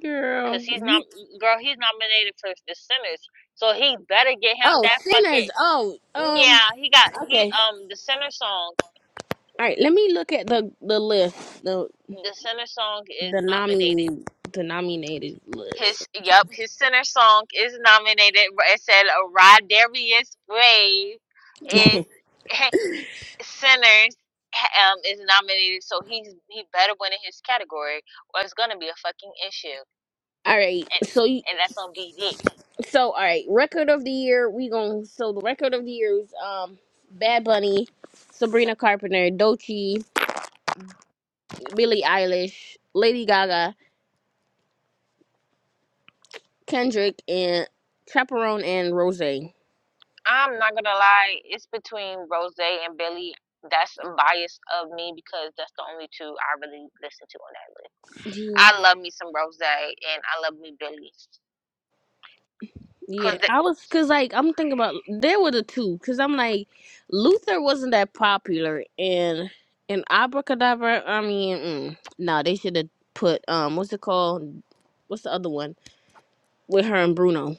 Speaker 2: girl
Speaker 1: Cause he's not
Speaker 2: you-
Speaker 1: girl, he's nominated for the Sinners. So he better get him
Speaker 2: oh
Speaker 1: that
Speaker 2: sinners
Speaker 1: fucking
Speaker 2: oh um
Speaker 1: Yeah, he got he
Speaker 2: okay
Speaker 1: um the center song.
Speaker 2: All right, let me look at the the list, the
Speaker 1: The center song is
Speaker 2: the
Speaker 1: nominated.
Speaker 2: nomi denominated list.
Speaker 1: His
Speaker 2: Let
Speaker 1: yep,
Speaker 2: me
Speaker 1: his center song is nominated. It said uh, Rod Darius Brave
Speaker 2: see.
Speaker 1: is centers um is nominated, so he's he better win in his category, or it's gonna be a fucking issue,
Speaker 2: all right,
Speaker 1: and
Speaker 2: so you,
Speaker 1: and that's on BD.
Speaker 2: so all right, record of the year we going to so the record of the year is um Bad Bunny, Sabrina Carpenter, Dochi, Billie Eilish, Lady Gaga, Kendrick, and Chaperone and Rose.
Speaker 1: I'm not gonna lie, it's between Rose and Billy. That's biased of me because that's the only two I really listen to on that list. I love me some Rose and I love me Billy.
Speaker 2: Yeah,
Speaker 1: Cause the,
Speaker 2: I was cause like I'm thinking about there were the two cause I'm like Luther wasn't that popular and and Abracadabra. I mean, mm, no, they should have put um what's it called? What's the other one with her and Bruno?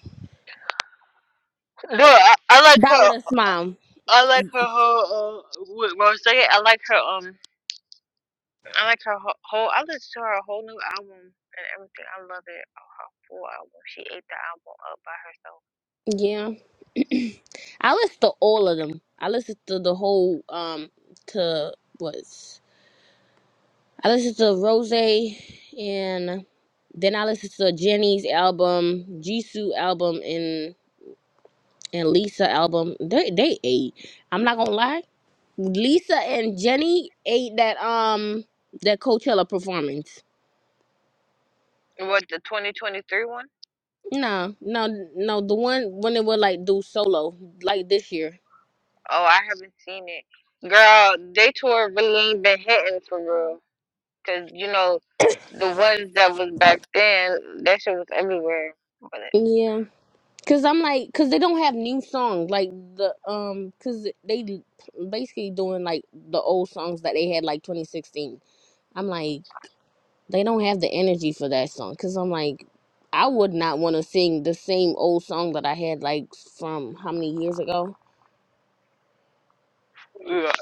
Speaker 1: No, I, I like
Speaker 2: that
Speaker 1: her.
Speaker 2: with a
Speaker 1: I
Speaker 2: smile.
Speaker 1: I like her whole. Uh, with Rose. I like her. Um, I like her whole, whole. I listened to her whole new album and everything. I love it. Oh, her full album. She ate the album up by herself.
Speaker 2: Yeah, I listened to all of them. I listened to the whole um to what's I listened to Rose and then I listened to Jenny's album, Jisoo album, and Lisa album. They they ate. I'm not gonna lie. Lisa and Jenny ate that um that Coachella performance.
Speaker 1: What the 2023 one?
Speaker 2: No, no, no. The one when they would like do solo like this year.
Speaker 1: Oh, I haven't seen it. Girl, they tour really ain't been hitting for real. Cause you know the ones that was back then, that shit was everywhere. But it,
Speaker 2: Yeah, cause I'm like, cause they don't have new songs like the um, cause they basically doing like the old songs that they had like 2016. I'm like. They don't have the energy for that song because I'm like, I would not want to sing the same old song that I had like from how many years ago.
Speaker 1: yeah.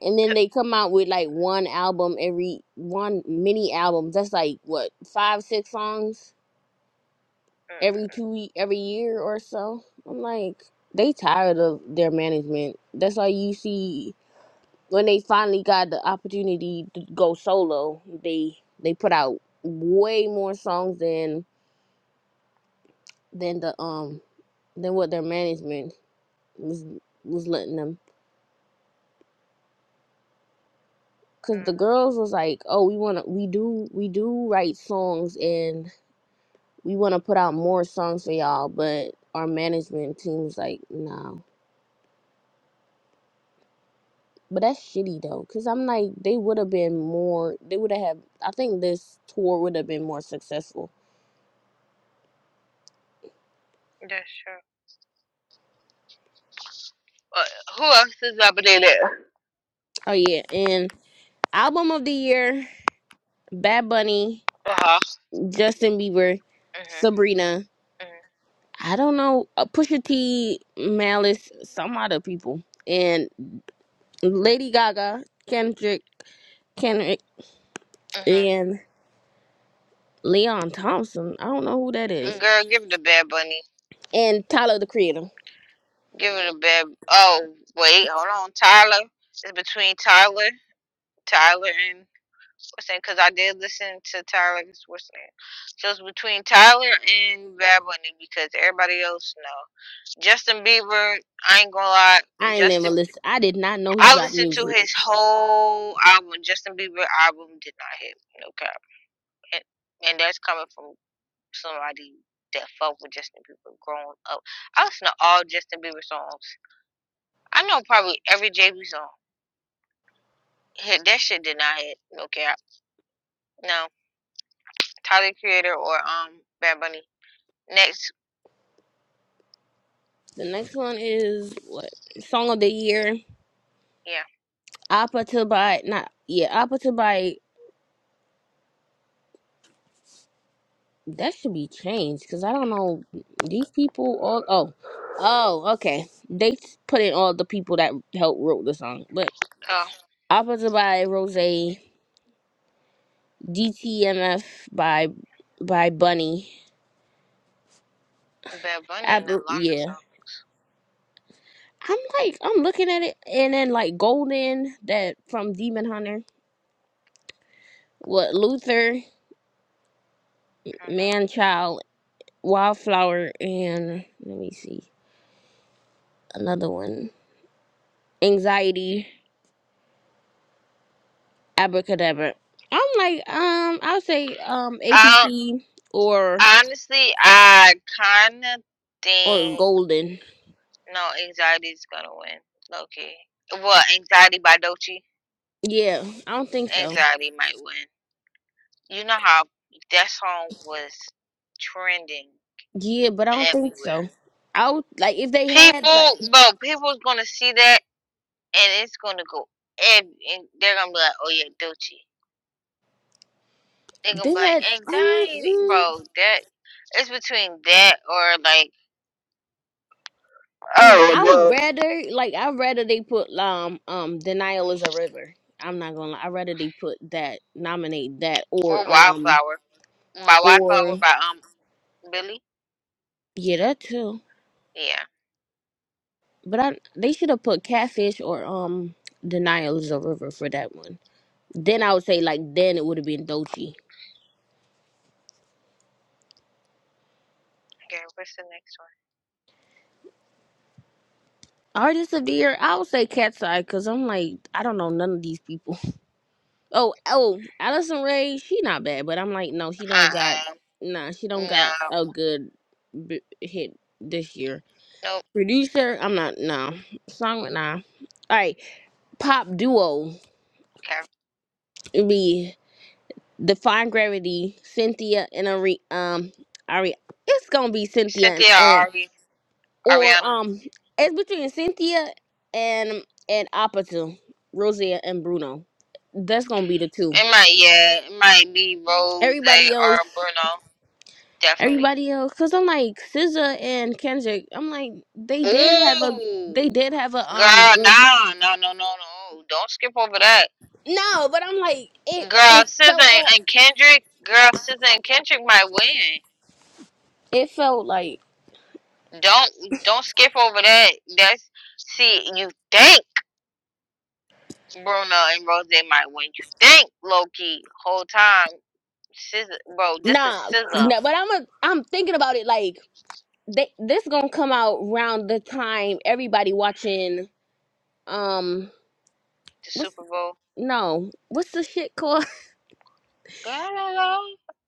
Speaker 2: And then they come out with like one album every one mini album. That's like what five six songs every two ye- every year or so. I'm like, they tired of their management. That's why you see when they finally got the opportunity to go solo, they they put out way more songs than than the um than what their management was was letting them because the
Speaker 1: mm-mm,
Speaker 2: girls was like oh we want to we do we do write songs and we want to put out more songs for y'all but our management team was like no but that's shitty though because i'm like they would have been more they would have had i think this tour would have been more successful
Speaker 1: that's true. Uh, who else is up in there?
Speaker 2: oh yeah and album of the year bad bunny
Speaker 1: Uh huh.
Speaker 2: justin bieber
Speaker 1: Mhm.
Speaker 2: sabrina I don't know, uh, Pusha T, Malice, some other people, and Lady Gaga, Kendrick, Kendrick,
Speaker 1: Mhm.
Speaker 2: and Leon Thompson. I don't know who that
Speaker 1: Mhm.
Speaker 2: is,
Speaker 1: Girl, give it a Bad Bunny.
Speaker 2: and Tyler the Creator.
Speaker 1: Give it a Bad. Oh wait, hold on. Tyler. It's between Tyler, Tyler and what's name? Because I did listen to Tyler. What's name? So it's between Tyler and Bad Bunny because everybody else no. Justin Bieber. I ain't gonna lie.
Speaker 2: I ain't never
Speaker 1: Justin.
Speaker 2: listen. I did not know he
Speaker 1: I
Speaker 2: dropped
Speaker 1: listened to
Speaker 2: music.
Speaker 1: his whole album. Justin Bieber album did not hit. No cap. And, and that's coming from somebody that fuck with Justin Bieber growing up. I listen to all Justin Bieber songs. I know probably every JB song. Hit that shit did not hit. No cap. No. Tyler the Creator or um Bad Bunny. Next,
Speaker 2: The next one is what song of the year?
Speaker 1: yeah.
Speaker 2: Appa to by not yeah Appa to by that should be changed because I don't know these people all oh oh okay they put in all the people that helped wrote the song but
Speaker 1: Oh,
Speaker 2: Opposite by Rose. DTMF by by Bunny.
Speaker 1: Bad Bunny and the
Speaker 2: Apple,
Speaker 1: Lana
Speaker 2: yeah.
Speaker 1: song.
Speaker 2: I'm like I'm looking at it, and then like Golden that from Demon Hunter. What Luther, Man Child, Wildflower, and let me see another one. Anxiety, Abracadabra. I'm like um I'll say um
Speaker 1: hmm Um,
Speaker 2: APC or
Speaker 1: honestly, I kind of
Speaker 2: or
Speaker 1: think
Speaker 2: Golden.
Speaker 1: no anxiety is gonna win. Low key. Well, anxiety by Dolce.
Speaker 2: Yeah, I don't think so.
Speaker 1: Anxiety might win. You know how that song was trending
Speaker 2: Yeah, but I don't think
Speaker 1: everywhere.
Speaker 2: so. I would, like if they had like.
Speaker 1: People, bro, people's gonna see that and it's gonna go ev- and they're gonna be like, oh yeah, Dolce. They're gonna
Speaker 2: They
Speaker 1: be
Speaker 2: had
Speaker 1: like,
Speaker 2: um,
Speaker 1: anxiety,
Speaker 2: mm,
Speaker 1: bro. That it's between that or like,
Speaker 2: no.
Speaker 1: oh,
Speaker 2: I would
Speaker 1: well,
Speaker 2: rather like I would rather they put um um denial is a river. I'm not gonna. lie. I would rather they put that nominate that or
Speaker 1: or
Speaker 2: um
Speaker 1: Wildflower by Wildflower
Speaker 2: or
Speaker 1: by um Billy.
Speaker 2: yeah that too.
Speaker 1: Yeah.
Speaker 2: But I they should have put catfish or um denial is a river for that one. Then I would say like then it would have been Dochi.
Speaker 1: Okay, what's the next one?
Speaker 2: Artist of the year, I would say Cat's Eye because I'm like I don't know none of these people. Oh, oh, Allison Ray, she not bad, but I'm like, no, she don't got,
Speaker 1: Uh,
Speaker 2: nah, she don't got
Speaker 1: no,
Speaker 2: a good b- hit this year.
Speaker 1: nope.
Speaker 2: Producer, I'm not, no. Song, nah. All right, pop duo
Speaker 1: Okay,
Speaker 2: would be Define Gravity, Cynthia and Ari, um, Ari, it's gonna be Cynthia and,
Speaker 1: Cynthia or
Speaker 2: and
Speaker 1: Ari,
Speaker 2: or,
Speaker 1: Ariana.
Speaker 2: um, it's between Cynthia and, and Apatu, Rosia and Bruno. That's gonna be the two.
Speaker 1: It might, yeah, it might be Rose
Speaker 2: Everybody else.
Speaker 1: or Bruno, definitely.
Speaker 2: everybody else because i'm like SZA and kendrick i'm like they did have a
Speaker 1: Ooh.
Speaker 2: they did have a um
Speaker 1: Girl,
Speaker 2: good
Speaker 1: nah, no, no, no, no. Don't skip over that.
Speaker 2: no but i'm like it
Speaker 1: Girl,
Speaker 2: it
Speaker 1: SZA
Speaker 2: felt
Speaker 1: and
Speaker 2: all
Speaker 1: and Kendrick. Girl, SZA and Kendrick might win.
Speaker 2: it felt like
Speaker 1: Don't don't skip over that. That's see, you think Bruno and Rose might win. You think Loki whole time. SZA, bro, this is
Speaker 2: nah
Speaker 1: SZA.
Speaker 2: no
Speaker 1: The
Speaker 2: but i'm a, i'm thinking about it like they this gonna come out round the time everybody watching um what's
Speaker 1: Super Bowl.
Speaker 2: no what's the shit called
Speaker 1: Girl, I don't know.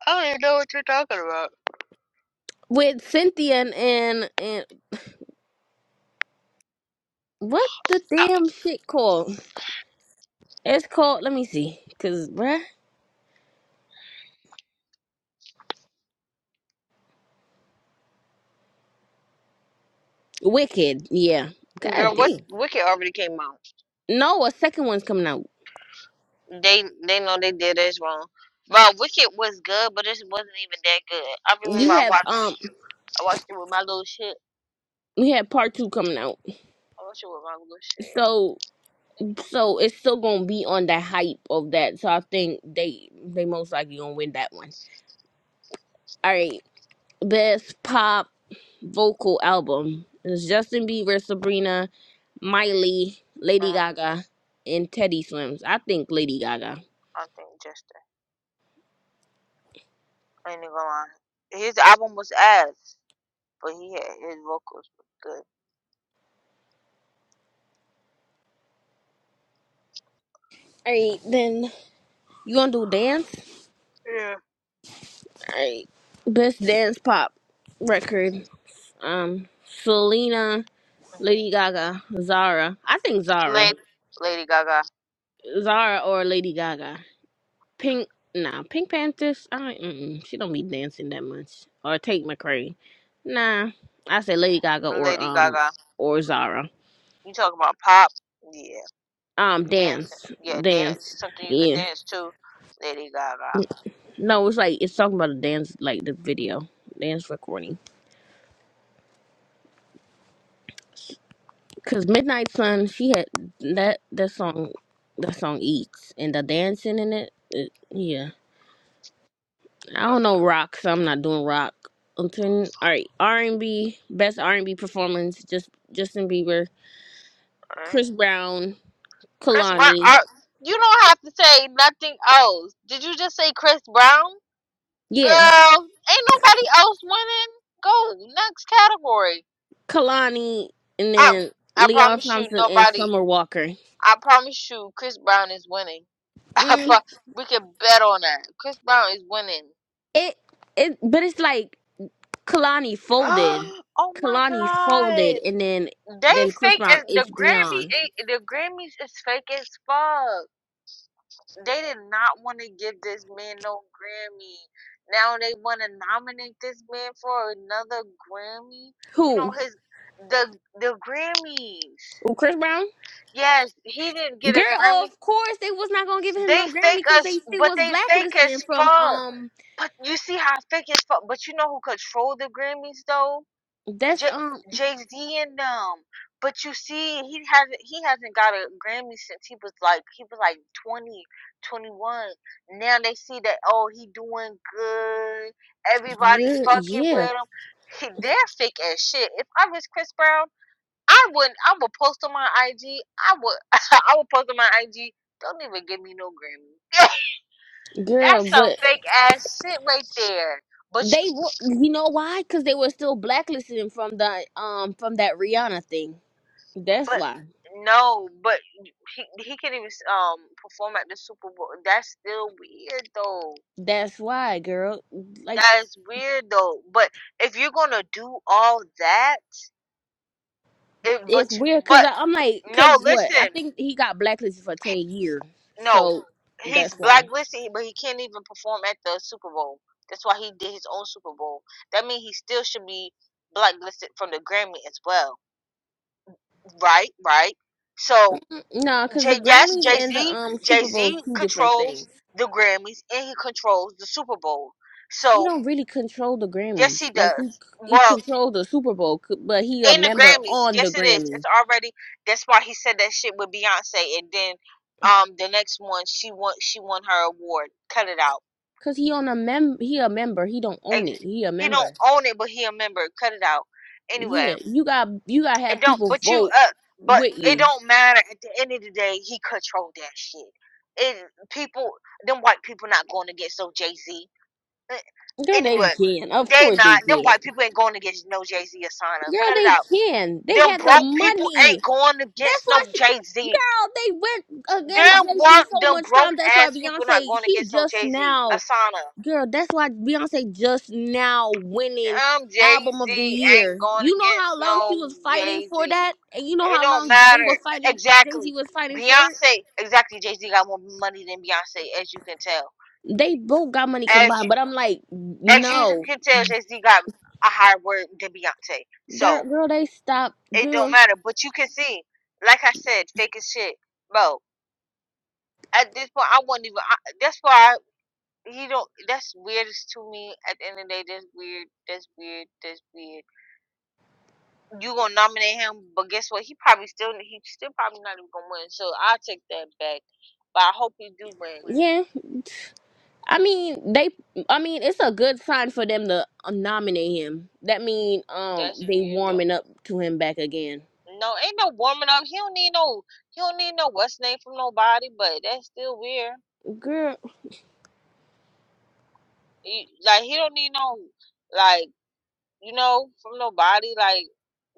Speaker 1: I don't even know what you're talking about.
Speaker 2: with cynthia and and, and what the
Speaker 1: Uh,
Speaker 2: damn shit called it's called let me see because bruh Wicked, yeah. God
Speaker 1: Girl, what
Speaker 2: damn.
Speaker 1: Wicked already came out.
Speaker 2: No, a second one's coming out.
Speaker 1: They they know they did us wrong. Bro, Wicked was good, but it wasn't even that good. I remember
Speaker 2: You
Speaker 1: I
Speaker 2: have um
Speaker 1: watched I watched it with my little shit.
Speaker 2: we have part two coming out.
Speaker 1: I watched it with my little shit.
Speaker 2: So so it's still gonna be on the hype of that. So I think they they most likely gonna win that one. Alright. Best pop vocal album. is Justin Bieber, Sabrina, Miley,
Speaker 1: Uh,
Speaker 2: Lady
Speaker 1: uh,
Speaker 2: Gaga, and Teddy Swims. I think Lady Gaga.
Speaker 1: I think Jester. I ain't even gonna lie. His album was ass, but he had his vocals was good.
Speaker 2: Alright, then you gonna do dance?
Speaker 1: Yeah.
Speaker 2: Alright. Best dance pop record. um Selena, Lady
Speaker 1: hmm
Speaker 2: Gaga, Zara. I think Zara,
Speaker 1: Lady Lady Gaga.
Speaker 2: Zara or Lady Gaga. Pink, nah, Pink Panthers. I don't, mm-mm, she don't be dancing that much. Or Tate McRae. Nah, I say Lady Gaga or
Speaker 1: Lady
Speaker 2: um
Speaker 1: Gaga.
Speaker 2: or Zara.
Speaker 1: You talk about pop? Yeah.
Speaker 2: Um,
Speaker 1: Dancing.
Speaker 2: dance,
Speaker 1: Yeah, dance.
Speaker 2: dance.
Speaker 1: Something you could
Speaker 2: Yeah.
Speaker 1: dance to. Lady Gaga.
Speaker 2: No, it's like it's talking about a dance, like the video dance recording. Cause Midnight Sun, she had that that song, that song eats, and the dancing in it. it yeah. I don't know rock, so I'm not doing rock. Until all right, R and B best R and B performance, just Justin Bieber, Chris Brown,
Speaker 1: Chris Brown.
Speaker 2: Kalani,
Speaker 1: Uh, you don't have to say nothing else. Did you just say Chris Brown?
Speaker 2: yeah,
Speaker 1: Girl, ain't nobody else winning. Go next category.
Speaker 2: Kalani, and
Speaker 1: I
Speaker 2: then
Speaker 1: I
Speaker 2: Leon
Speaker 1: promise you,
Speaker 2: Thompson and
Speaker 1: nobody.
Speaker 2: Summer Walker.
Speaker 1: I promise you, Chris Brown is winning. I
Speaker 2: Mm,
Speaker 1: pro- we can bet on that. Chris Brown is winning.
Speaker 2: it it, but it's like Kalani folded,
Speaker 1: oh my
Speaker 2: Kalani folded,
Speaker 1: God!
Speaker 2: and then
Speaker 1: They
Speaker 2: then Chris
Speaker 1: fake
Speaker 2: Brown.
Speaker 1: as the
Speaker 2: It's
Speaker 1: Grammy.
Speaker 2: beyond
Speaker 1: The Grammys is fake as fuck. They did not want to give this man no Grammy. Now they want to nominate this man for another Grammy. You know
Speaker 2: who?
Speaker 1: his the the Grammys.
Speaker 2: Who Chris Brown?
Speaker 1: Yes, he didn't get a
Speaker 2: Girl,
Speaker 1: Grammy.
Speaker 2: of course they was not gonna give him
Speaker 1: They
Speaker 2: no Grammy
Speaker 1: fake
Speaker 2: because
Speaker 1: us,
Speaker 2: they still
Speaker 1: but
Speaker 2: was
Speaker 1: they fake as
Speaker 2: blacklisting from
Speaker 1: fuck.
Speaker 2: um
Speaker 1: But you see how fake as fuck. But you know who control the Grammys though?
Speaker 2: That's
Speaker 1: J-
Speaker 2: um,
Speaker 1: Jay Z and them. But you see, he hasn't he hasn't got a Grammy since he was like he was like 20 21. Now they see that oh he doing good. Everybody
Speaker 2: yeah,
Speaker 1: fucking
Speaker 2: yeah,
Speaker 1: with him. He, they're fake as shit. If I was Chris Brown, I wouldn't. I would post on my IG. I would. I would post on my IG. Don't even give me no Grammy.
Speaker 2: girl.
Speaker 1: That's some
Speaker 2: But
Speaker 1: fake ass shit right there. But you.
Speaker 2: they, wa- you know why? Because they were still blacklisting him from the um from that Rihanna thing. That's
Speaker 1: But
Speaker 2: why.
Speaker 1: no, but he he can even um perform at the Super Bowl. That's still weird though.
Speaker 2: That's why, girl. Like
Speaker 1: That is weird though. But if you're gonna do all that, it but
Speaker 2: it's
Speaker 1: you,
Speaker 2: weird because
Speaker 1: but
Speaker 2: I'm like,
Speaker 1: no,
Speaker 2: because what? I
Speaker 1: listen,
Speaker 2: think he got blacklisted for
Speaker 1: he-
Speaker 2: ten years.
Speaker 1: no,
Speaker 2: So
Speaker 1: he's
Speaker 2: that's why.
Speaker 1: blacklisted, but he can't even perform at the Super Bowl. That's why he did his own Super Bowl. That means he still should be blacklisted from the Grammy as well. Right, right. So
Speaker 2: No, because the
Speaker 1: Jay, yes,
Speaker 2: Grammys
Speaker 1: Jay
Speaker 2: and the
Speaker 1: Z,
Speaker 2: um
Speaker 1: Jay
Speaker 2: Super Bowl is
Speaker 1: Z
Speaker 2: two different
Speaker 1: controls
Speaker 2: things.
Speaker 1: the Grammys and he controls the Super Bowl.
Speaker 2: He
Speaker 1: So
Speaker 2: don't really control the
Speaker 1: yes,
Speaker 2: Grammys.
Speaker 1: he
Speaker 2: Like he
Speaker 1: does.
Speaker 2: he
Speaker 1: Well,
Speaker 2: controlled the Super Bowl, c- but he a
Speaker 1: in the
Speaker 2: member
Speaker 1: Grammys,
Speaker 2: on the
Speaker 1: yes, it is.
Speaker 2: Grammys.
Speaker 1: It's already. That's why he said that shit with Beyonce, and then um the next one she won she won her award. Cut it out.
Speaker 2: Cause he on a mem he a member. He don't own
Speaker 1: Ex-
Speaker 2: it. He a
Speaker 1: He don't
Speaker 2: member.
Speaker 1: own it, but he a member. Cut it out. Anyway,
Speaker 2: Yeah. You got you gotta
Speaker 1: it
Speaker 2: have
Speaker 1: don't.
Speaker 2: people
Speaker 1: But you
Speaker 2: vote
Speaker 1: uh, but
Speaker 2: with
Speaker 1: it
Speaker 2: you.
Speaker 1: don't matter. At the end of the day, he controlled that shit. It people, them white people not going against no Jay Z. Eh,
Speaker 2: Girl, they
Speaker 1: Anyway,
Speaker 2: can. Of
Speaker 1: they
Speaker 2: course they
Speaker 1: not them
Speaker 2: can.
Speaker 1: white people ain't going against no Jay Z or Sana.
Speaker 2: Girl,
Speaker 1: Cut it
Speaker 2: they
Speaker 1: out.
Speaker 2: can. They
Speaker 1: Them
Speaker 2: had the
Speaker 1: broke people
Speaker 2: money.
Speaker 1: ain't going
Speaker 2: That's
Speaker 1: against
Speaker 2: why
Speaker 1: no
Speaker 2: she
Speaker 1: Jay Z.
Speaker 2: girl, they went against
Speaker 1: Them
Speaker 2: Jay-Z
Speaker 1: work
Speaker 2: so
Speaker 1: them
Speaker 2: much
Speaker 1: broke
Speaker 2: time. That's why
Speaker 1: ass people not
Speaker 2: Beyonce,
Speaker 1: going
Speaker 2: she
Speaker 1: against no
Speaker 2: just
Speaker 1: Jay Z.
Speaker 2: now
Speaker 1: Asana.
Speaker 2: girl, that's why Beyonce just now winning
Speaker 1: Them Jay
Speaker 2: album of the
Speaker 1: Z ain't
Speaker 2: year.
Speaker 1: going
Speaker 2: You know how
Speaker 1: against
Speaker 2: long she
Speaker 1: no
Speaker 2: was fighting
Speaker 1: Jay
Speaker 2: for
Speaker 1: Z.
Speaker 2: that? And you know
Speaker 1: It
Speaker 2: how
Speaker 1: don't
Speaker 2: long they were
Speaker 1: matter
Speaker 2: fighting Jay-Z
Speaker 1: exactly.
Speaker 2: was fighting for it?
Speaker 1: Beyonce exactly Jay Z got more money than Beyonce as you can tell.
Speaker 2: They both got money
Speaker 1: As
Speaker 2: combined,
Speaker 1: you
Speaker 2: but I'm like,
Speaker 1: as you
Speaker 2: no,
Speaker 1: can tell Jay Z got a higher word than Beyonce. So
Speaker 2: Dirt, girl, they stopped,
Speaker 1: It don't
Speaker 2: girl.
Speaker 1: matter. But you can see, like I said, fake as shit, bro. At this point, I wouldn't even. I, that's why I, he don't. That's weirdest to me. At the end of the day, that's weird. That's weird. That's weird. You gonna nominate him, but guess what? He probably still. He still probably not even gonna win. So I will take that back. But I hope he do win.
Speaker 2: Yeah, I mean they. I mean it's a good sign for them to um, nominate him. That mean um
Speaker 1: That's
Speaker 2: they
Speaker 1: weird though.
Speaker 2: warming up to him back again.
Speaker 1: No, ain't no warming up. He don't need no. He don't need no what's name from nobody. But that's still weird.
Speaker 2: Girl,
Speaker 1: He, like he don't need no. Like. you know, from nobody. Like,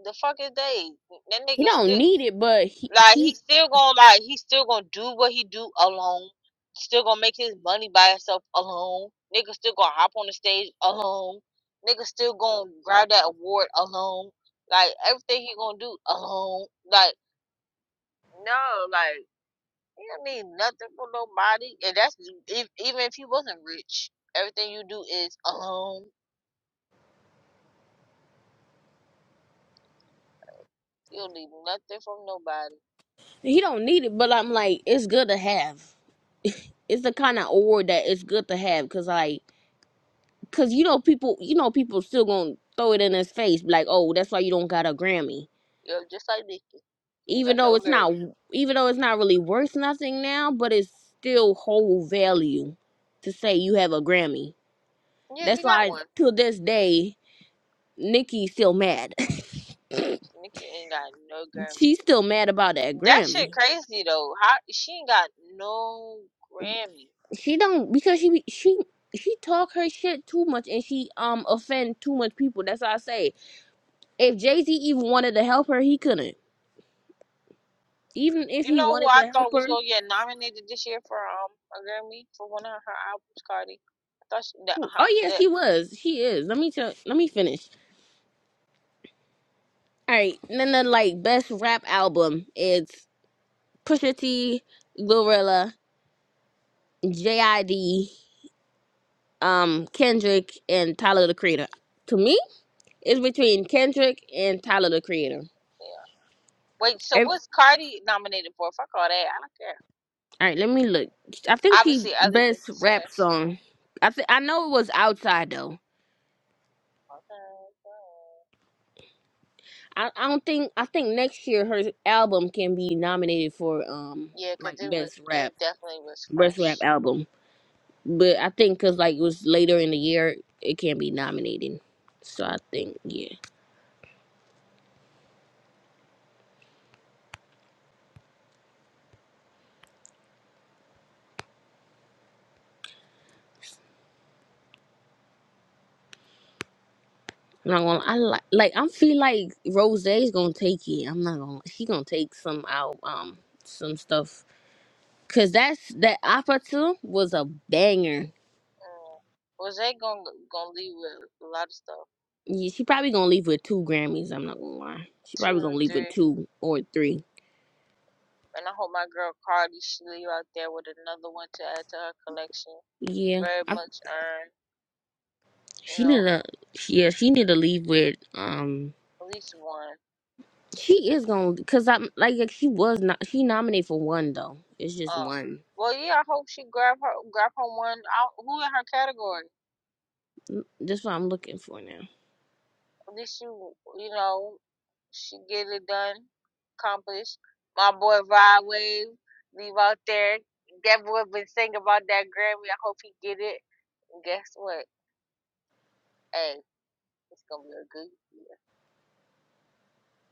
Speaker 1: the fuck is they? That
Speaker 2: he
Speaker 1: nigga
Speaker 2: don't
Speaker 1: still,
Speaker 2: need it, but he
Speaker 1: like,
Speaker 2: he
Speaker 1: he still gonna, like, he still gonna do what he do alone. Still gonna make his money by himself alone. Nigga still gonna hop on the stage alone. Nigga still gonna grab that award alone. Like, everything he gonna do alone. Like, no, like, he don't need nothing from nobody. And that's if, even if he wasn't rich. Everything you do is alone. You don't need nothing from nobody.
Speaker 2: he don't need it. But I'm like, it's good to have. It's the kind of award that it's good to have, cause like, cause you know people, you know people still gonna throw it in his face, like, oh, that's why you don't got a Grammy
Speaker 1: Yo, just like Nicki, He
Speaker 2: even
Speaker 1: got
Speaker 2: though
Speaker 1: no
Speaker 2: it's not
Speaker 1: Grammy.
Speaker 2: even though it's not really worth nothing now, but it's still whole value to say you have a Grammy.
Speaker 1: Yeah,
Speaker 2: That's
Speaker 1: he got
Speaker 2: why
Speaker 1: one.
Speaker 2: to this day, Nikki's still mad.
Speaker 1: Nicki ain't got no Grammy.
Speaker 2: She's still mad about that
Speaker 1: That shit
Speaker 2: Grammy.
Speaker 1: crazy though. How she ain't got no Grammy.
Speaker 2: She don't because she be- she she talk her shit too much and she um offend too much people. That's why I say if Jay Z even wanted to help her, he couldn't. Even if
Speaker 1: You
Speaker 2: he
Speaker 1: know who
Speaker 2: wanted
Speaker 1: I
Speaker 2: to help
Speaker 1: thought was
Speaker 2: her,
Speaker 1: gonna get nominated this year for um a Grammy for one of her albums, Cardi. I thought she, that, her,
Speaker 2: oh yeah,
Speaker 1: that
Speaker 2: she was. She is. Let me tell. Let me finish. All right, and then the like best rap album is Pusha T, Glorilla, J.I.D., um, Kendrick, and Tyler the Creator. To me, it's between Kendrick and Tyler the Creator.
Speaker 1: yeah. Wait, so
Speaker 2: Ev-
Speaker 1: what's Cardi nominated for? Fuck all that. I don't care.
Speaker 2: All right, let me look. I think she
Speaker 1: Obviously, other than
Speaker 2: best rap
Speaker 1: Sinners.
Speaker 2: song. I th- I know it was Outside though.
Speaker 1: Okay.
Speaker 2: I I don't think I think next year her album can be nominated for um
Speaker 1: Yeah, cause
Speaker 2: like
Speaker 1: it was
Speaker 2: best rap
Speaker 1: it definitely was
Speaker 2: best rap
Speaker 1: fresh.
Speaker 2: album. But I think because like it was later in the year, it can't be nominated. So I think yeah. I'm not gonna. I like like I feel like Rose is gonna take it. I'm not gonna. She gonna take some out um some stuff because that's that opera too was a banger.
Speaker 1: Mm. Was they gonna gonna leave with a lot of stuff?
Speaker 2: Yeah, she probably gonna leave with two Grammys. I'm not gonna lie. She
Speaker 1: Two
Speaker 2: probably gonna leave with
Speaker 1: three,
Speaker 2: two or three.
Speaker 1: and I hope my girl Cardi she leave out there with another one to add to her collection.
Speaker 2: Yeah,
Speaker 1: Very
Speaker 2: I,
Speaker 1: much earned, you
Speaker 2: she need
Speaker 1: know,
Speaker 2: to. Yeah, she need to leave with um.
Speaker 1: at least one.
Speaker 2: She is gonna because I'm like, like she was not she nominated for one though. It's just
Speaker 1: Uh,
Speaker 2: one.
Speaker 1: well, yeah, I hope she grab her grab her one out. Who in her category?
Speaker 2: That's what I'm looking for now.
Speaker 1: At least you you know she get it done, accomplished. My boy Rod Wave leave out there. That boy been singing about that Grammy. I hope he get it. Guess what? Hey. It's gonna be a good year.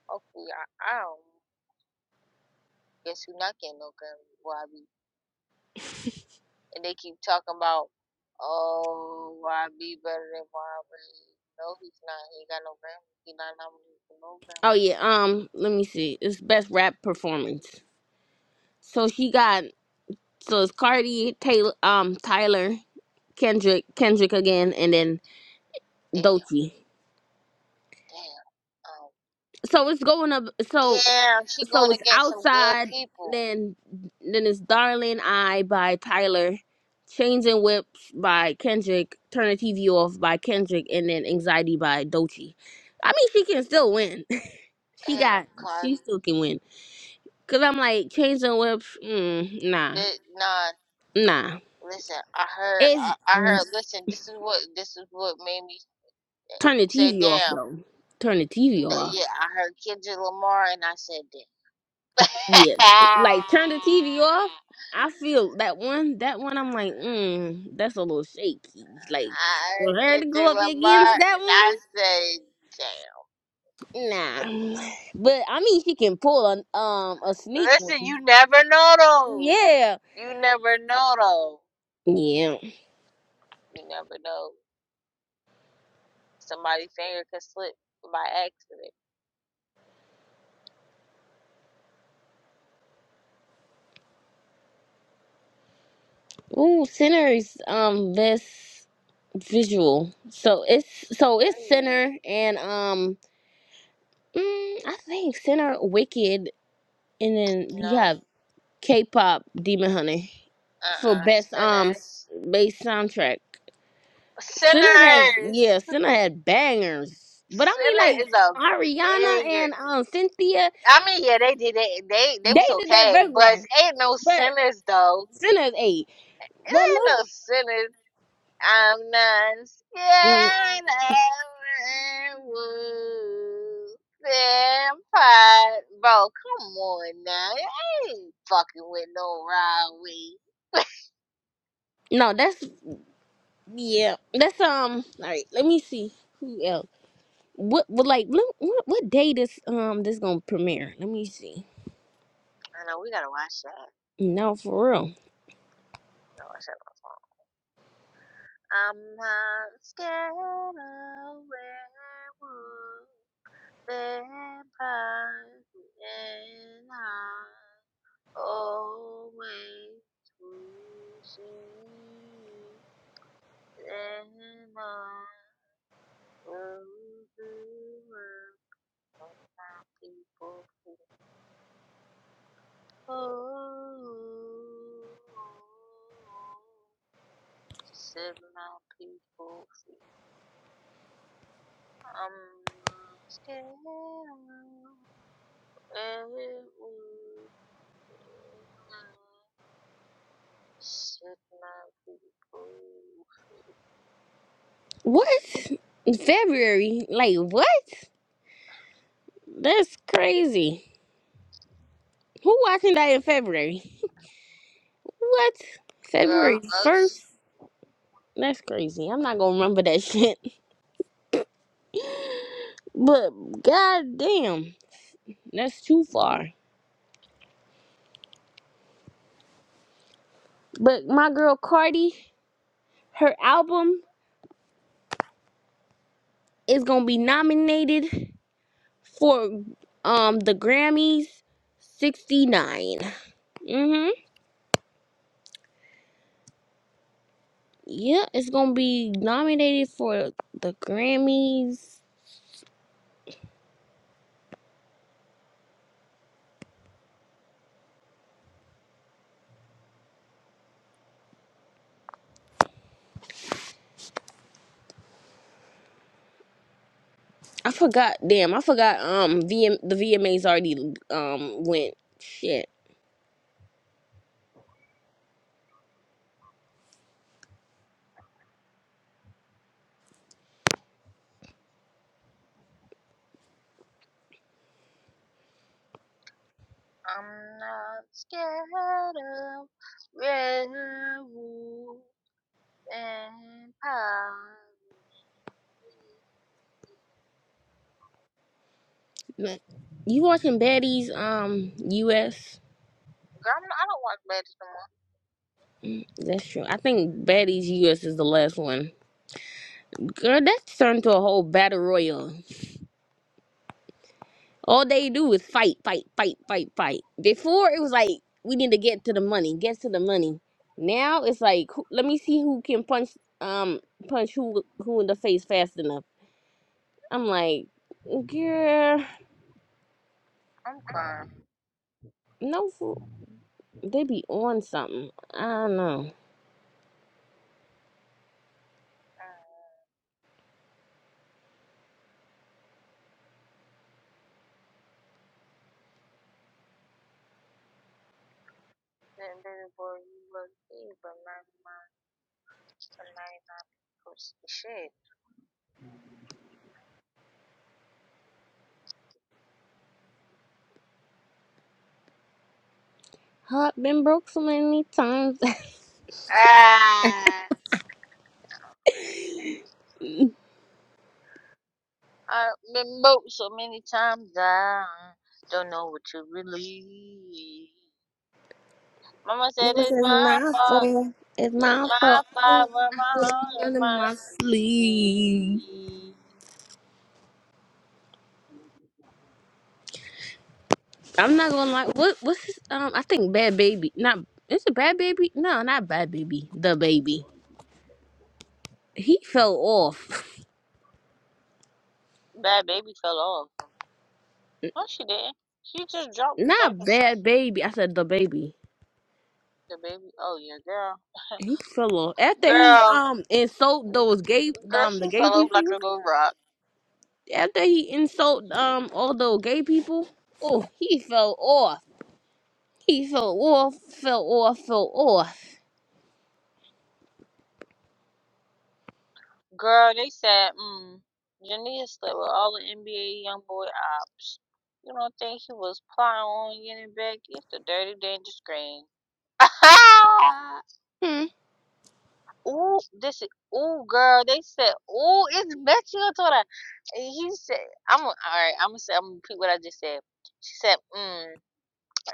Speaker 1: Hopefully, I, I don't guess who not getting no gun YB. And they keep talking about, oh, YB better than YB. No, he's not. He ain't got no Grammy. He not nominated for no
Speaker 2: Oh
Speaker 1: Grammy.
Speaker 2: yeah, um, let me see. It's best rap performance. So she got so it's Cardi, Taylor, um, Tyler, Kendrick, Kendrick again, and then
Speaker 1: Damn,
Speaker 2: Dolce.
Speaker 1: damn. Oh,
Speaker 2: So it's going up. So
Speaker 1: damn, she
Speaker 2: so
Speaker 1: going to
Speaker 2: it's
Speaker 1: get some good
Speaker 2: outside
Speaker 1: people.
Speaker 2: then then it's darling I" by tyler changing whips by kendrick turn the tv off by kendrick and then anxiety by dochi i mean she can still win she
Speaker 1: Damn,
Speaker 2: got she
Speaker 1: Cardi.
Speaker 2: still can win because i'm like changing whips mm, nah
Speaker 1: But nah,
Speaker 2: nah
Speaker 1: listen. I heard.
Speaker 2: it's
Speaker 1: I, I heard. Listen, this is what this is what made me
Speaker 2: turn the
Speaker 1: say
Speaker 2: tv off
Speaker 1: damn.
Speaker 2: though turn the tv off
Speaker 1: Yeah, I heard Kendrick Lamar, and I said damn.
Speaker 2: Yeah.
Speaker 1: I
Speaker 2: Like turn the TV off. I feel that one. That one. I'm like, mm, that's a little shaky. Like for her to go
Speaker 1: Kendrick
Speaker 2: up
Speaker 1: Lamar,
Speaker 2: against
Speaker 1: and
Speaker 2: that
Speaker 1: I say, damn.
Speaker 2: one, nah. But I mean, she can pull a um a sneak
Speaker 1: Listen,
Speaker 2: one.
Speaker 1: you never know though.
Speaker 2: Yeah.
Speaker 1: You never know though.
Speaker 2: Yeah.
Speaker 1: You never know. Somebody's finger could slip by accident.
Speaker 2: Ooh, Sinner's um best visual. So it's so it's
Speaker 1: Period.
Speaker 2: Sinner and um mm, I think Sinner, Wicked, and then you
Speaker 1: No.
Speaker 2: have K-pop Demon Hunter. for
Speaker 1: Uh uh
Speaker 2: best um
Speaker 1: Sinners.
Speaker 2: bass soundtrack. Sinner has
Speaker 1: Sinners.
Speaker 2: yeah, Sinner had bangers. But I mean
Speaker 1: Sinner is
Speaker 2: like
Speaker 1: a
Speaker 2: Ariana
Speaker 1: banger.
Speaker 2: and um Cynthia,
Speaker 1: I mean, yeah, they did it. They they
Speaker 2: they
Speaker 1: was
Speaker 2: did that
Speaker 1: okay,
Speaker 2: very
Speaker 1: but
Speaker 2: well.
Speaker 1: it ain't no
Speaker 2: But
Speaker 1: sinners though.
Speaker 2: Sinner's eight.
Speaker 1: It
Speaker 2: But
Speaker 1: ain't
Speaker 2: look
Speaker 1: no sinners. I'm not
Speaker 2: mm,
Speaker 1: scared of werewolves. Vampire, bro, come on now. I ain't fucking with no Rowdy.
Speaker 2: no, that's yeah. That's um all right, let me see who else. What what like look, what what day this um this gonna premiere? Let me see.
Speaker 1: I know we gotta watch that.
Speaker 2: No, for real.
Speaker 1: We gotta watch that on the phone. I'm not scared of werewolves. Vampires, and I always will see. Anyone will do work for my people who hold. Set my people free. I'm not scared. Everyone. Set my people
Speaker 2: What? In February? Like what? That's crazy. Who watching that in February? What? February
Speaker 1: Got us.
Speaker 2: 1st? That's crazy. I'm not gonna remember that shit. But god damn, that's too far. But my girl Cardi, her album is gonna be nominated for um the Grammys 69. Mm-hmm. Yeah, it's gonna be nominated for the Grammys. I forgot. Damn, I forgot. Um, VM, the VMAs already um went. Shit.
Speaker 1: I'm not scared of werewolves. And pie.
Speaker 2: Man, You watching Betty's um US?
Speaker 1: Girl, I'm not, I don't watch Legends no more.
Speaker 2: Mm, That's true. I think Betty's US is the last one. Girl, that's turned to a whole battle royal. All they do is fight, fight, fight, fight, fight. Before it was like we need to get to the money, get to the money. Now it's like who- let me see who can punch um punch who who in the face fast enough. I'm like, girl,
Speaker 1: I'm crying.
Speaker 2: no, fool. they be on something. I don't know.
Speaker 1: That baby boy, you look big, but not mine. The 99 percent shit.
Speaker 2: Heart been broke so many times.
Speaker 1: Ah, I've been broke so many times. I don't know what to believe. Mama said
Speaker 2: This
Speaker 1: it's
Speaker 2: is
Speaker 1: my
Speaker 2: my
Speaker 1: fault.
Speaker 2: fault. It's
Speaker 1: It's
Speaker 2: my fault.
Speaker 1: my
Speaker 2: I
Speaker 1: fault where my
Speaker 2: didn't put
Speaker 1: heart
Speaker 2: him
Speaker 1: and
Speaker 2: in
Speaker 1: my
Speaker 2: my sleep.
Speaker 1: sleep.
Speaker 2: I'm not gonna lie. What? What's his, um? I think Bad Baby. Not. Is it Bad Baby? No, not Bad Baby. The Baby. He fell off.
Speaker 1: Bad baby fell off. No, she didn't. She just dropped like
Speaker 2: Not
Speaker 1: a son.
Speaker 2: Bad Baby. I said the Baby.
Speaker 1: The baby. Oh yeah, girl.
Speaker 2: He fell off after he
Speaker 1: Girl,
Speaker 2: um insult
Speaker 1: g-
Speaker 2: those gay
Speaker 1: girl,
Speaker 2: um the
Speaker 1: she
Speaker 2: gay
Speaker 1: fell off like
Speaker 2: people.
Speaker 1: a little rock.
Speaker 2: After he insult um all those gay people. Oh, he fell off. He fell off. Fell off. Fell off.
Speaker 1: Girl, they said, mm, Jania slept with all the NBA young boy ops. You don't think he was plotting on getting back? It's the dirty, dangerous game.
Speaker 2: Hmm.
Speaker 1: ooh, this is ooh, girl. They said, ooh, it's Betty Otora. And he said, I'm all right. I'm gonna say, I'm gonna repeat what I just said. She said, mm.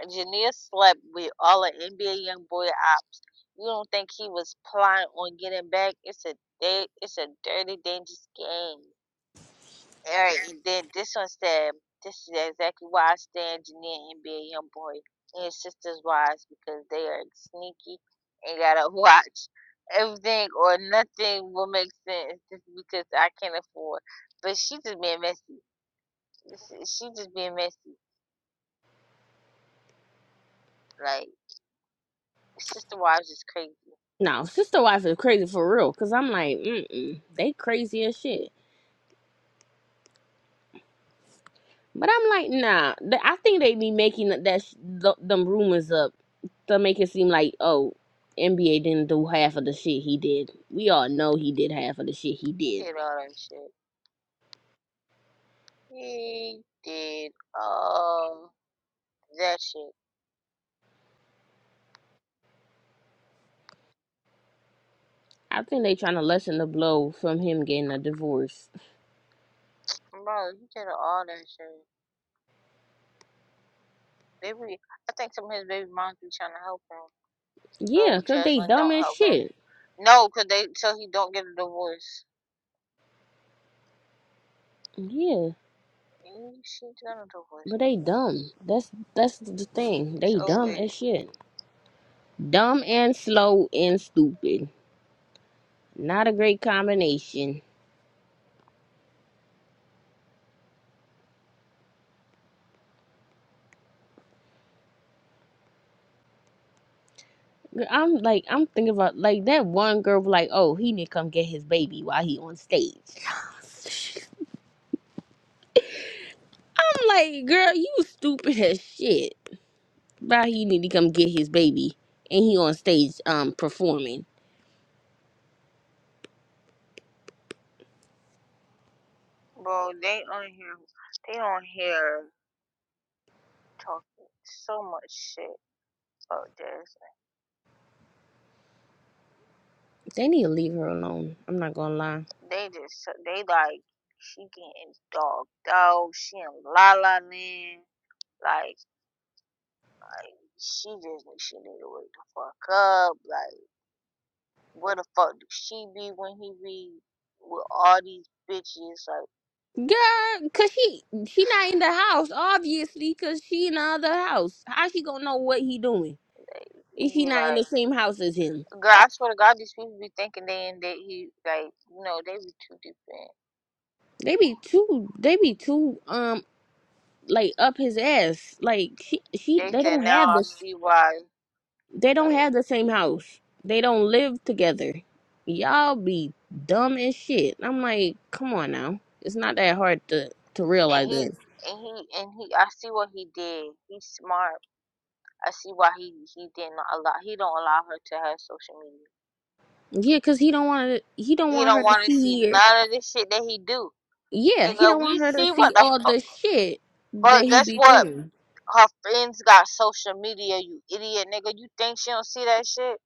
Speaker 1: Jania slept with all of NBA young boy ops. You don't think he was plotting on getting back? It's a da- it's a dirty, dangerous game. Alright, and then this one said, This is exactly why I stand Jania and NBA young boy and his sisters wives because they are sneaky and gotta watch everything or nothing will make sense just because I can't afford. But she just being messy. This is- She just being messy. Like sister wives is crazy.
Speaker 2: No, sister wife is crazy for real. Cause I'm like, mm they crazy as shit. But I'm like, nah. th- I think they be making that that sh- th- them rumors up to make it seem like, oh, NBA didn't do half of the shit he did. We all know he did half of the shit he
Speaker 1: Who
Speaker 2: did.
Speaker 1: did all that shit? He did um that shit,
Speaker 2: I think they trying to lessen the blow from him getting a divorce.
Speaker 1: bro. He did all that shit. Baby, I think some of his baby moms be trying to help him.
Speaker 2: Yeah,
Speaker 1: Oh,
Speaker 2: cause they
Speaker 1: Jaslyn
Speaker 2: dumb
Speaker 1: don't
Speaker 2: as
Speaker 1: help him.
Speaker 2: shit.
Speaker 1: No, cause they so he don't get a divorce.
Speaker 2: Yeah,
Speaker 1: He, she gonna divorce
Speaker 2: but
Speaker 1: his
Speaker 2: they
Speaker 1: ass.
Speaker 2: dumb. That's that's the thing.
Speaker 1: It's
Speaker 2: They
Speaker 1: over,
Speaker 2: dumb
Speaker 1: it.
Speaker 2: as shit. Dumb and slow and stupid. Not a great combination. I'm like I'm thinking about like that one girl was like, oh, he need to come get his baby while he on stage. I'm like, girl, you stupid as shit. Why he need to come get his baby and he on stage um performing.
Speaker 1: bro. They on here, they on here talking so much shit about Jaslyn.
Speaker 2: They need to leave her alone. I'm not gonna lie.
Speaker 1: They just they like she getting dogged out. She in la la land. Like. She just knew she need to wake the fuck up. Like, where the fuck do she be when he be with all these bitches? Like,
Speaker 2: Girl, cause she she not in the house, obviously, cause she in the other house. How she gonna know what he doing? If
Speaker 1: you
Speaker 2: she
Speaker 1: be
Speaker 2: not in
Speaker 1: like,
Speaker 2: the same house as him?
Speaker 1: girl, I swear to God, these people be thinking they in that he like, you know, they be too deep in.
Speaker 2: They be too they be too um like up his ass. Like she, she
Speaker 1: They
Speaker 2: they
Speaker 1: said
Speaker 2: don't
Speaker 1: now
Speaker 2: have
Speaker 1: I
Speaker 2: this.
Speaker 1: see why,
Speaker 2: They don't
Speaker 1: like,
Speaker 2: have the same house. They don't live together. Y'all be dumb as shit. I'm like, come on now. It's not that hard to to
Speaker 1: and
Speaker 2: realize
Speaker 1: he
Speaker 2: that.
Speaker 1: and he and he, I see what he did. He's smart. I see why he he didn't allow he don't allow her to have social media.
Speaker 2: Yeah, cause he don't want to. He don't
Speaker 1: He
Speaker 2: want her
Speaker 1: don't
Speaker 2: to
Speaker 1: want to see
Speaker 2: see her.
Speaker 1: none of this shit that he do.
Speaker 2: Yeah, he
Speaker 1: Nigga,
Speaker 2: don't
Speaker 1: we
Speaker 2: want her to
Speaker 1: see what
Speaker 2: see
Speaker 1: the
Speaker 2: all
Speaker 1: fuck.
Speaker 2: the shit that
Speaker 1: But
Speaker 2: he
Speaker 1: guess
Speaker 2: be
Speaker 1: what?
Speaker 2: doing.
Speaker 1: her friends got social media, you idiot nigga. You think she don't see that shit?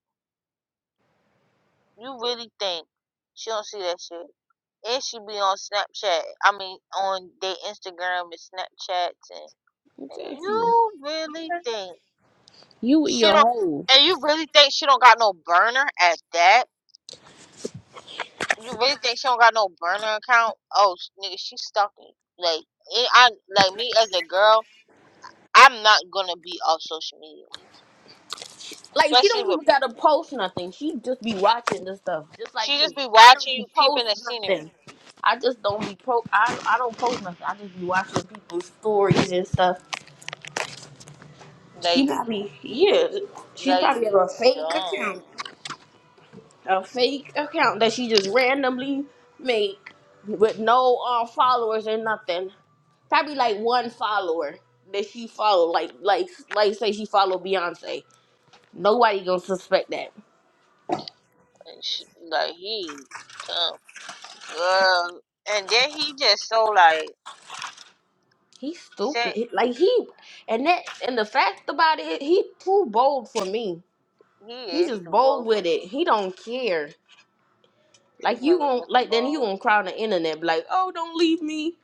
Speaker 1: You really think she don't see that shit? And she be on Snapchat. I mean, on their Instagram and Snapchats and nigga,
Speaker 2: Exactly.
Speaker 1: you really think
Speaker 2: You with
Speaker 1: she
Speaker 2: your
Speaker 1: don't?
Speaker 2: hoes.
Speaker 1: And you really think she don't got no burner at that? You really think she don't got no burner account? Oh, nigga, she stalking. Like, it, I like me as a girl, I'm not gonna be off social media,
Speaker 2: Like she
Speaker 1: especially
Speaker 2: don't
Speaker 1: with
Speaker 2: even gotta post nothing. She just be watching this stuff, just like
Speaker 1: she just
Speaker 2: me.
Speaker 1: be
Speaker 2: I
Speaker 1: watching
Speaker 2: don't be
Speaker 1: you peeping
Speaker 2: post
Speaker 1: the scenery.
Speaker 2: nothing. I just don't be pro. I I don't post nothing. I just be watching people's stories and stuff. She
Speaker 1: Like,
Speaker 2: probably yeah. She
Speaker 1: like
Speaker 2: probably have a
Speaker 1: you
Speaker 2: fake account,
Speaker 1: dumb.
Speaker 2: a fake account that she just randomly make with no uh, followers or nothing. Probably like one follower that she follow. Like like like say she follow Beyonce. Nobody gonna suspect that.
Speaker 1: And she, like he dumb girl. And then he just so like
Speaker 2: He's stupid.
Speaker 1: said
Speaker 2: He- Like he and that and the fact about it, he too bold for me.
Speaker 1: he
Speaker 2: He
Speaker 1: is
Speaker 2: just
Speaker 1: too
Speaker 2: bold
Speaker 1: bold
Speaker 2: with
Speaker 1: for
Speaker 2: it.
Speaker 1: me.
Speaker 2: He don't care.
Speaker 1: Too
Speaker 2: Like you gon'
Speaker 1: motherfucking
Speaker 2: like then you
Speaker 1: bold.
Speaker 2: gonna cry on the internet be like, oh don't leave me.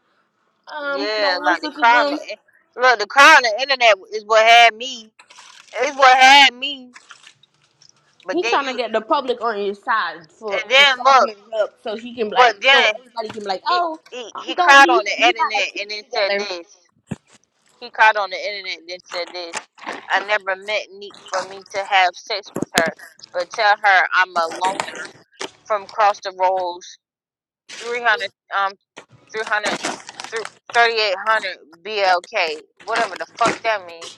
Speaker 2: Um,
Speaker 1: Yeah,
Speaker 2: don't
Speaker 1: like the
Speaker 2: listen to
Speaker 1: crowd. on
Speaker 2: them.
Speaker 1: the- Look, the crowd. on The internet is what had me. It's what had me. But
Speaker 2: He
Speaker 1: then
Speaker 2: trying to
Speaker 1: you,
Speaker 2: get the public on his side for
Speaker 1: and
Speaker 2: to
Speaker 1: then
Speaker 2: soften
Speaker 1: look.
Speaker 2: it up so he can
Speaker 1: But
Speaker 2: like so
Speaker 1: then
Speaker 2: everybody can be like,
Speaker 1: he
Speaker 2: oh,
Speaker 1: he,
Speaker 2: um,
Speaker 1: he
Speaker 2: don't
Speaker 1: cried
Speaker 2: leave
Speaker 1: on
Speaker 2: him.
Speaker 1: the
Speaker 2: You got a
Speaker 1: internet
Speaker 2: kid
Speaker 1: and then said
Speaker 2: together.
Speaker 1: this. He caught on the internet and then said this. I never met Neek for me to have sex with her, but tell her I'm a loner from Cross the Rolls, 300, um, 300, BLK, whatever the fuck that means.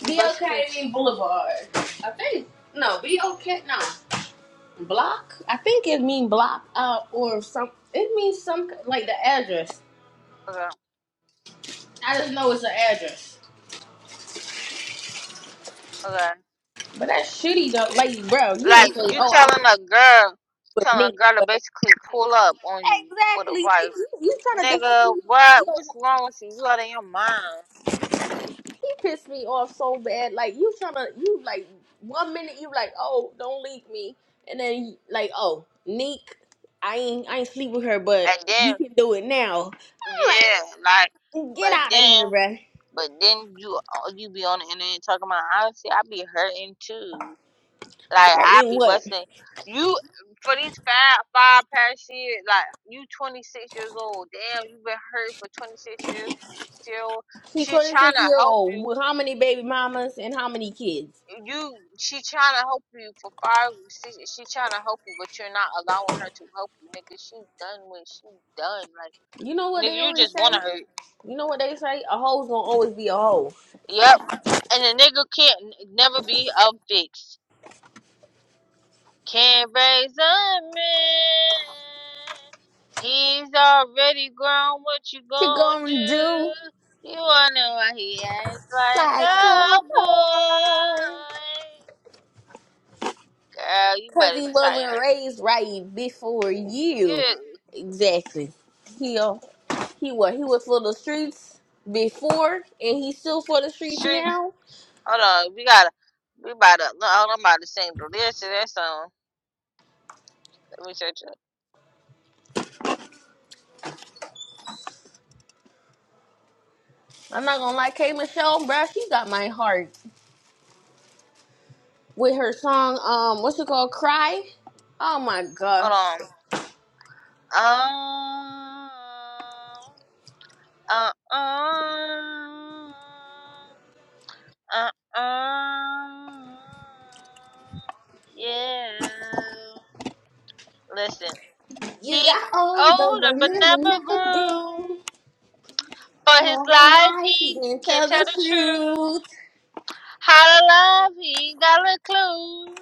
Speaker 1: You
Speaker 2: Be
Speaker 1: basically, t-
Speaker 2: okay Boulevard. I think no, be okay. No. Block? I think it mean block uh, or some. It means some like the address.
Speaker 1: okay,
Speaker 2: I just know it's an address.
Speaker 1: okay.
Speaker 2: But that's shitty though. Like, bro, you gonna
Speaker 1: Like,
Speaker 2: say,
Speaker 1: you
Speaker 2: "Oh, I
Speaker 1: telling
Speaker 2: was
Speaker 1: a girl,
Speaker 2: with Nick."
Speaker 1: telling a girl to
Speaker 2: But
Speaker 1: basically pull up on you with a
Speaker 2: exactly.
Speaker 1: wife.
Speaker 2: Like you, you trying to defend
Speaker 1: Nigga,
Speaker 2: you.
Speaker 1: what?
Speaker 2: Like,
Speaker 1: What's
Speaker 2: yo,
Speaker 1: wrong with you? You out of your mind.
Speaker 2: he pissed me off so bad. Like you trying to, you like one minute you like, "Oh, don't leave me," and then you- like, "Oh, Nick, I ain't, I ain't sleep with her,
Speaker 1: And
Speaker 2: but
Speaker 1: then,
Speaker 2: we can do it now."
Speaker 1: yeah,
Speaker 2: I'm
Speaker 1: like,
Speaker 2: like, get
Speaker 1: but
Speaker 2: out of
Speaker 1: then
Speaker 2: here, bro.
Speaker 1: But then you uh, you be on the internet talking about honestly, I be hurting too. Like I
Speaker 2: Hurting
Speaker 1: be
Speaker 2: what?
Speaker 1: busting you for these five five past years. Like you twenty six years old. Damn, you been hurt for twenty six years. Still,
Speaker 2: She's
Speaker 1: she trying
Speaker 2: 26
Speaker 1: to
Speaker 2: year
Speaker 1: help
Speaker 2: old
Speaker 1: you.
Speaker 2: with how many baby mamas and how many kids?
Speaker 1: You she trying to help you for five six. She trying to help you, but you're not allowing her to help you, nigga. She done with. She done. Like
Speaker 2: You know what they
Speaker 1: nigga, you
Speaker 2: always
Speaker 1: just want to
Speaker 2: say?
Speaker 1: hurt.
Speaker 2: You know what they say? A hoe's gonna always be a hoe.
Speaker 1: Yep. And the nigga can't n- never be unfixed. Can't raise a man. He's already grown. What you
Speaker 2: She
Speaker 1: gonna
Speaker 2: gonna
Speaker 1: do?
Speaker 2: do
Speaker 1: You wonder why he acts like
Speaker 2: like a
Speaker 1: a boy.
Speaker 2: hoe.
Speaker 1: Girl, you
Speaker 2: Cause
Speaker 1: better
Speaker 2: he wasn't
Speaker 1: tighten.
Speaker 2: raised right before you.
Speaker 1: Yeah,
Speaker 2: Exactly. He uh, he what he was for the streets before and he's still for the streets
Speaker 1: streets.
Speaker 2: now.
Speaker 1: Hold on, we gotta. We about to. no, Hold on, I'm about to sing the lyrics to that song. Let me search it.
Speaker 2: I'm not gonna lie, K Michelle, bruh, she got my heart with her song, um, what's it called? Cry. Oh my
Speaker 1: Hold
Speaker 2: gosh.
Speaker 1: on. Um. Uh. Um. Uh, um, yeah. Listen, he
Speaker 2: You got older,
Speaker 1: older but
Speaker 2: remember,
Speaker 1: never
Speaker 2: never
Speaker 1: grew.
Speaker 2: grew.
Speaker 1: For his
Speaker 2: All her
Speaker 1: life,
Speaker 2: life, he
Speaker 1: he
Speaker 2: didn't
Speaker 1: can
Speaker 2: tell
Speaker 1: tell
Speaker 2: the
Speaker 1: the truth.
Speaker 2: truth.
Speaker 1: How to love, he ain't got a clue.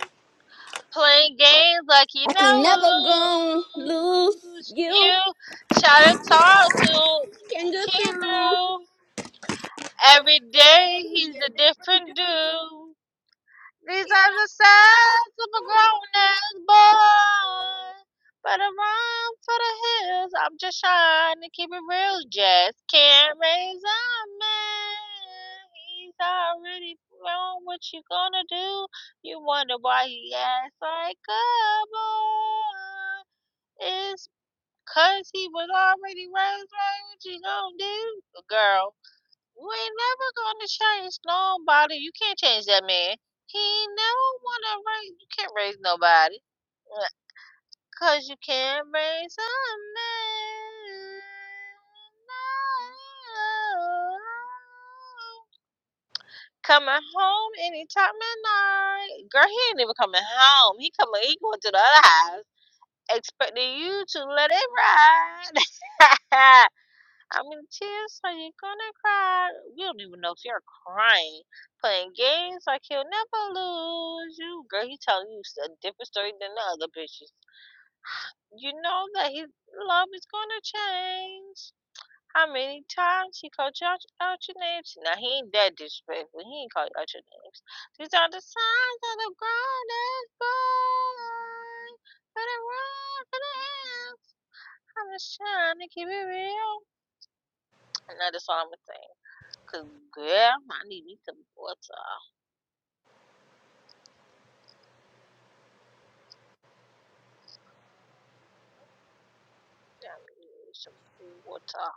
Speaker 1: Playing games like he
Speaker 2: I can
Speaker 1: never
Speaker 2: never go lose.
Speaker 1: lose.
Speaker 2: You
Speaker 1: You try to talk to
Speaker 2: can go
Speaker 1: kid
Speaker 2: through
Speaker 1: through.
Speaker 2: every
Speaker 1: Every day,
Speaker 2: day.
Speaker 1: he's
Speaker 2: You're
Speaker 1: a
Speaker 2: a different,
Speaker 1: different
Speaker 2: dude.
Speaker 1: dude. These are the sides of a grown ass boy. But I run for the hills. I'm just trying to keep it real. Just can't raise a man. He's already grown. What you gonna do? You wonder why he acts like a boy. It's 'cause he was already raised right. What you gonna do, girl? We ain't never gonna change nobody. You can't change that man. He ain't never wanna raise. You can't raise nobody, Uh, cause you can't raise a man. No. Coming home anytime at night, girl. He ain't even coming home. He coming. He going to the other house, expecting you to let it ride. I mean, tears are you gonna cry? We don't even know if you're crying. Playing games like he'll never lose you. Girl, he telling you a different story than the other bitches. You know that his love is gonna change. How many times he called you out, out your names? Now he ain't that disrespectful. He ain't called you out your names. These are the signs of the ground is born. For the world, for the ends. I'm just trying to keep it real. And that is all I'm gonna say. Cause girl, I need me some water. Yeah, I need me some cool water.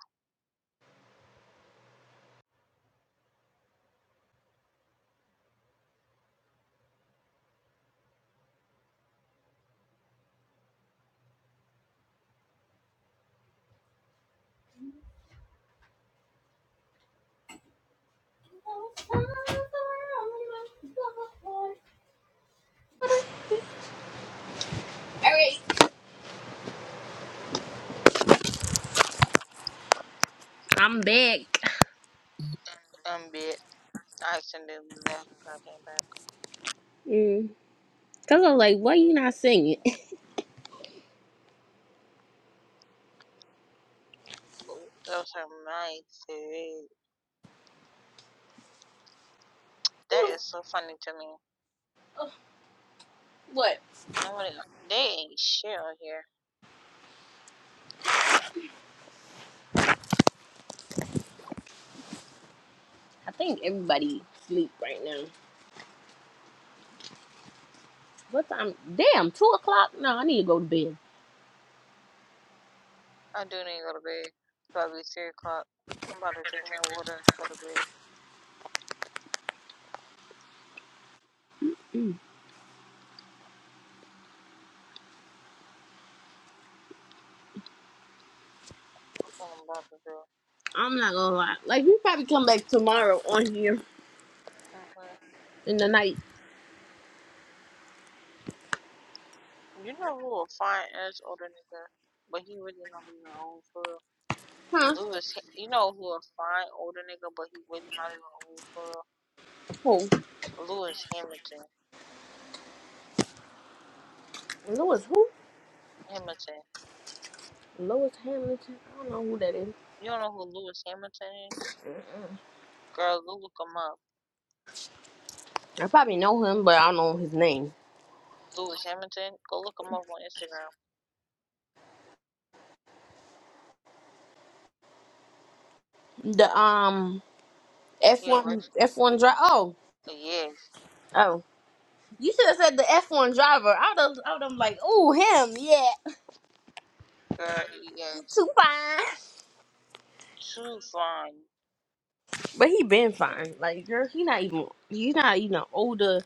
Speaker 2: Alright. I'm back.
Speaker 1: I'm bit. I accidentally left, but I came back.
Speaker 2: Mm. Cause I was like, why you not singing?
Speaker 1: But that was her mindset. That is so funny to me.
Speaker 2: What?
Speaker 1: Nobody, they ain't shit out here.
Speaker 2: I think everybody sleep right now. What time? Damn, two o'clock. No, I need to go to bed.
Speaker 1: I do need to go to bed. It's probably three o'clock. I'm about to drink my water, and go to bed. That's what I'm about to do.
Speaker 2: I'm not gonna lie. Like we probably come back tomorrow on here
Speaker 1: hmm
Speaker 2: in the night,
Speaker 1: You know who a fine ass older nigga, but he really not even old for real.
Speaker 2: huh?
Speaker 1: Lewis, you know who a fine older nigga, but he really not even old for real.
Speaker 2: Who?
Speaker 1: Lewis Hamilton.
Speaker 2: Lewis? Who?
Speaker 1: Hamilton.
Speaker 2: Lewis Hamilton? I don't know who that is.
Speaker 1: You don't know who Lewis Hamilton is? Girl, go look him up.
Speaker 2: I probably know him, but I don't know his name.
Speaker 1: Lewis Hamilton. Go look him up on Instagram.
Speaker 2: The um
Speaker 1: Yeah, a
Speaker 2: F1 F1 driver. Oh,
Speaker 1: uh, Yes.
Speaker 2: oh. You should have said the F1 driver. I would have. I would have like, ooh, him. Yeah,
Speaker 1: Girl,
Speaker 2: too
Speaker 1: yes.
Speaker 2: fine.
Speaker 1: Too fine.
Speaker 2: But he been fine. Like, girl, he not even. He's not even an older.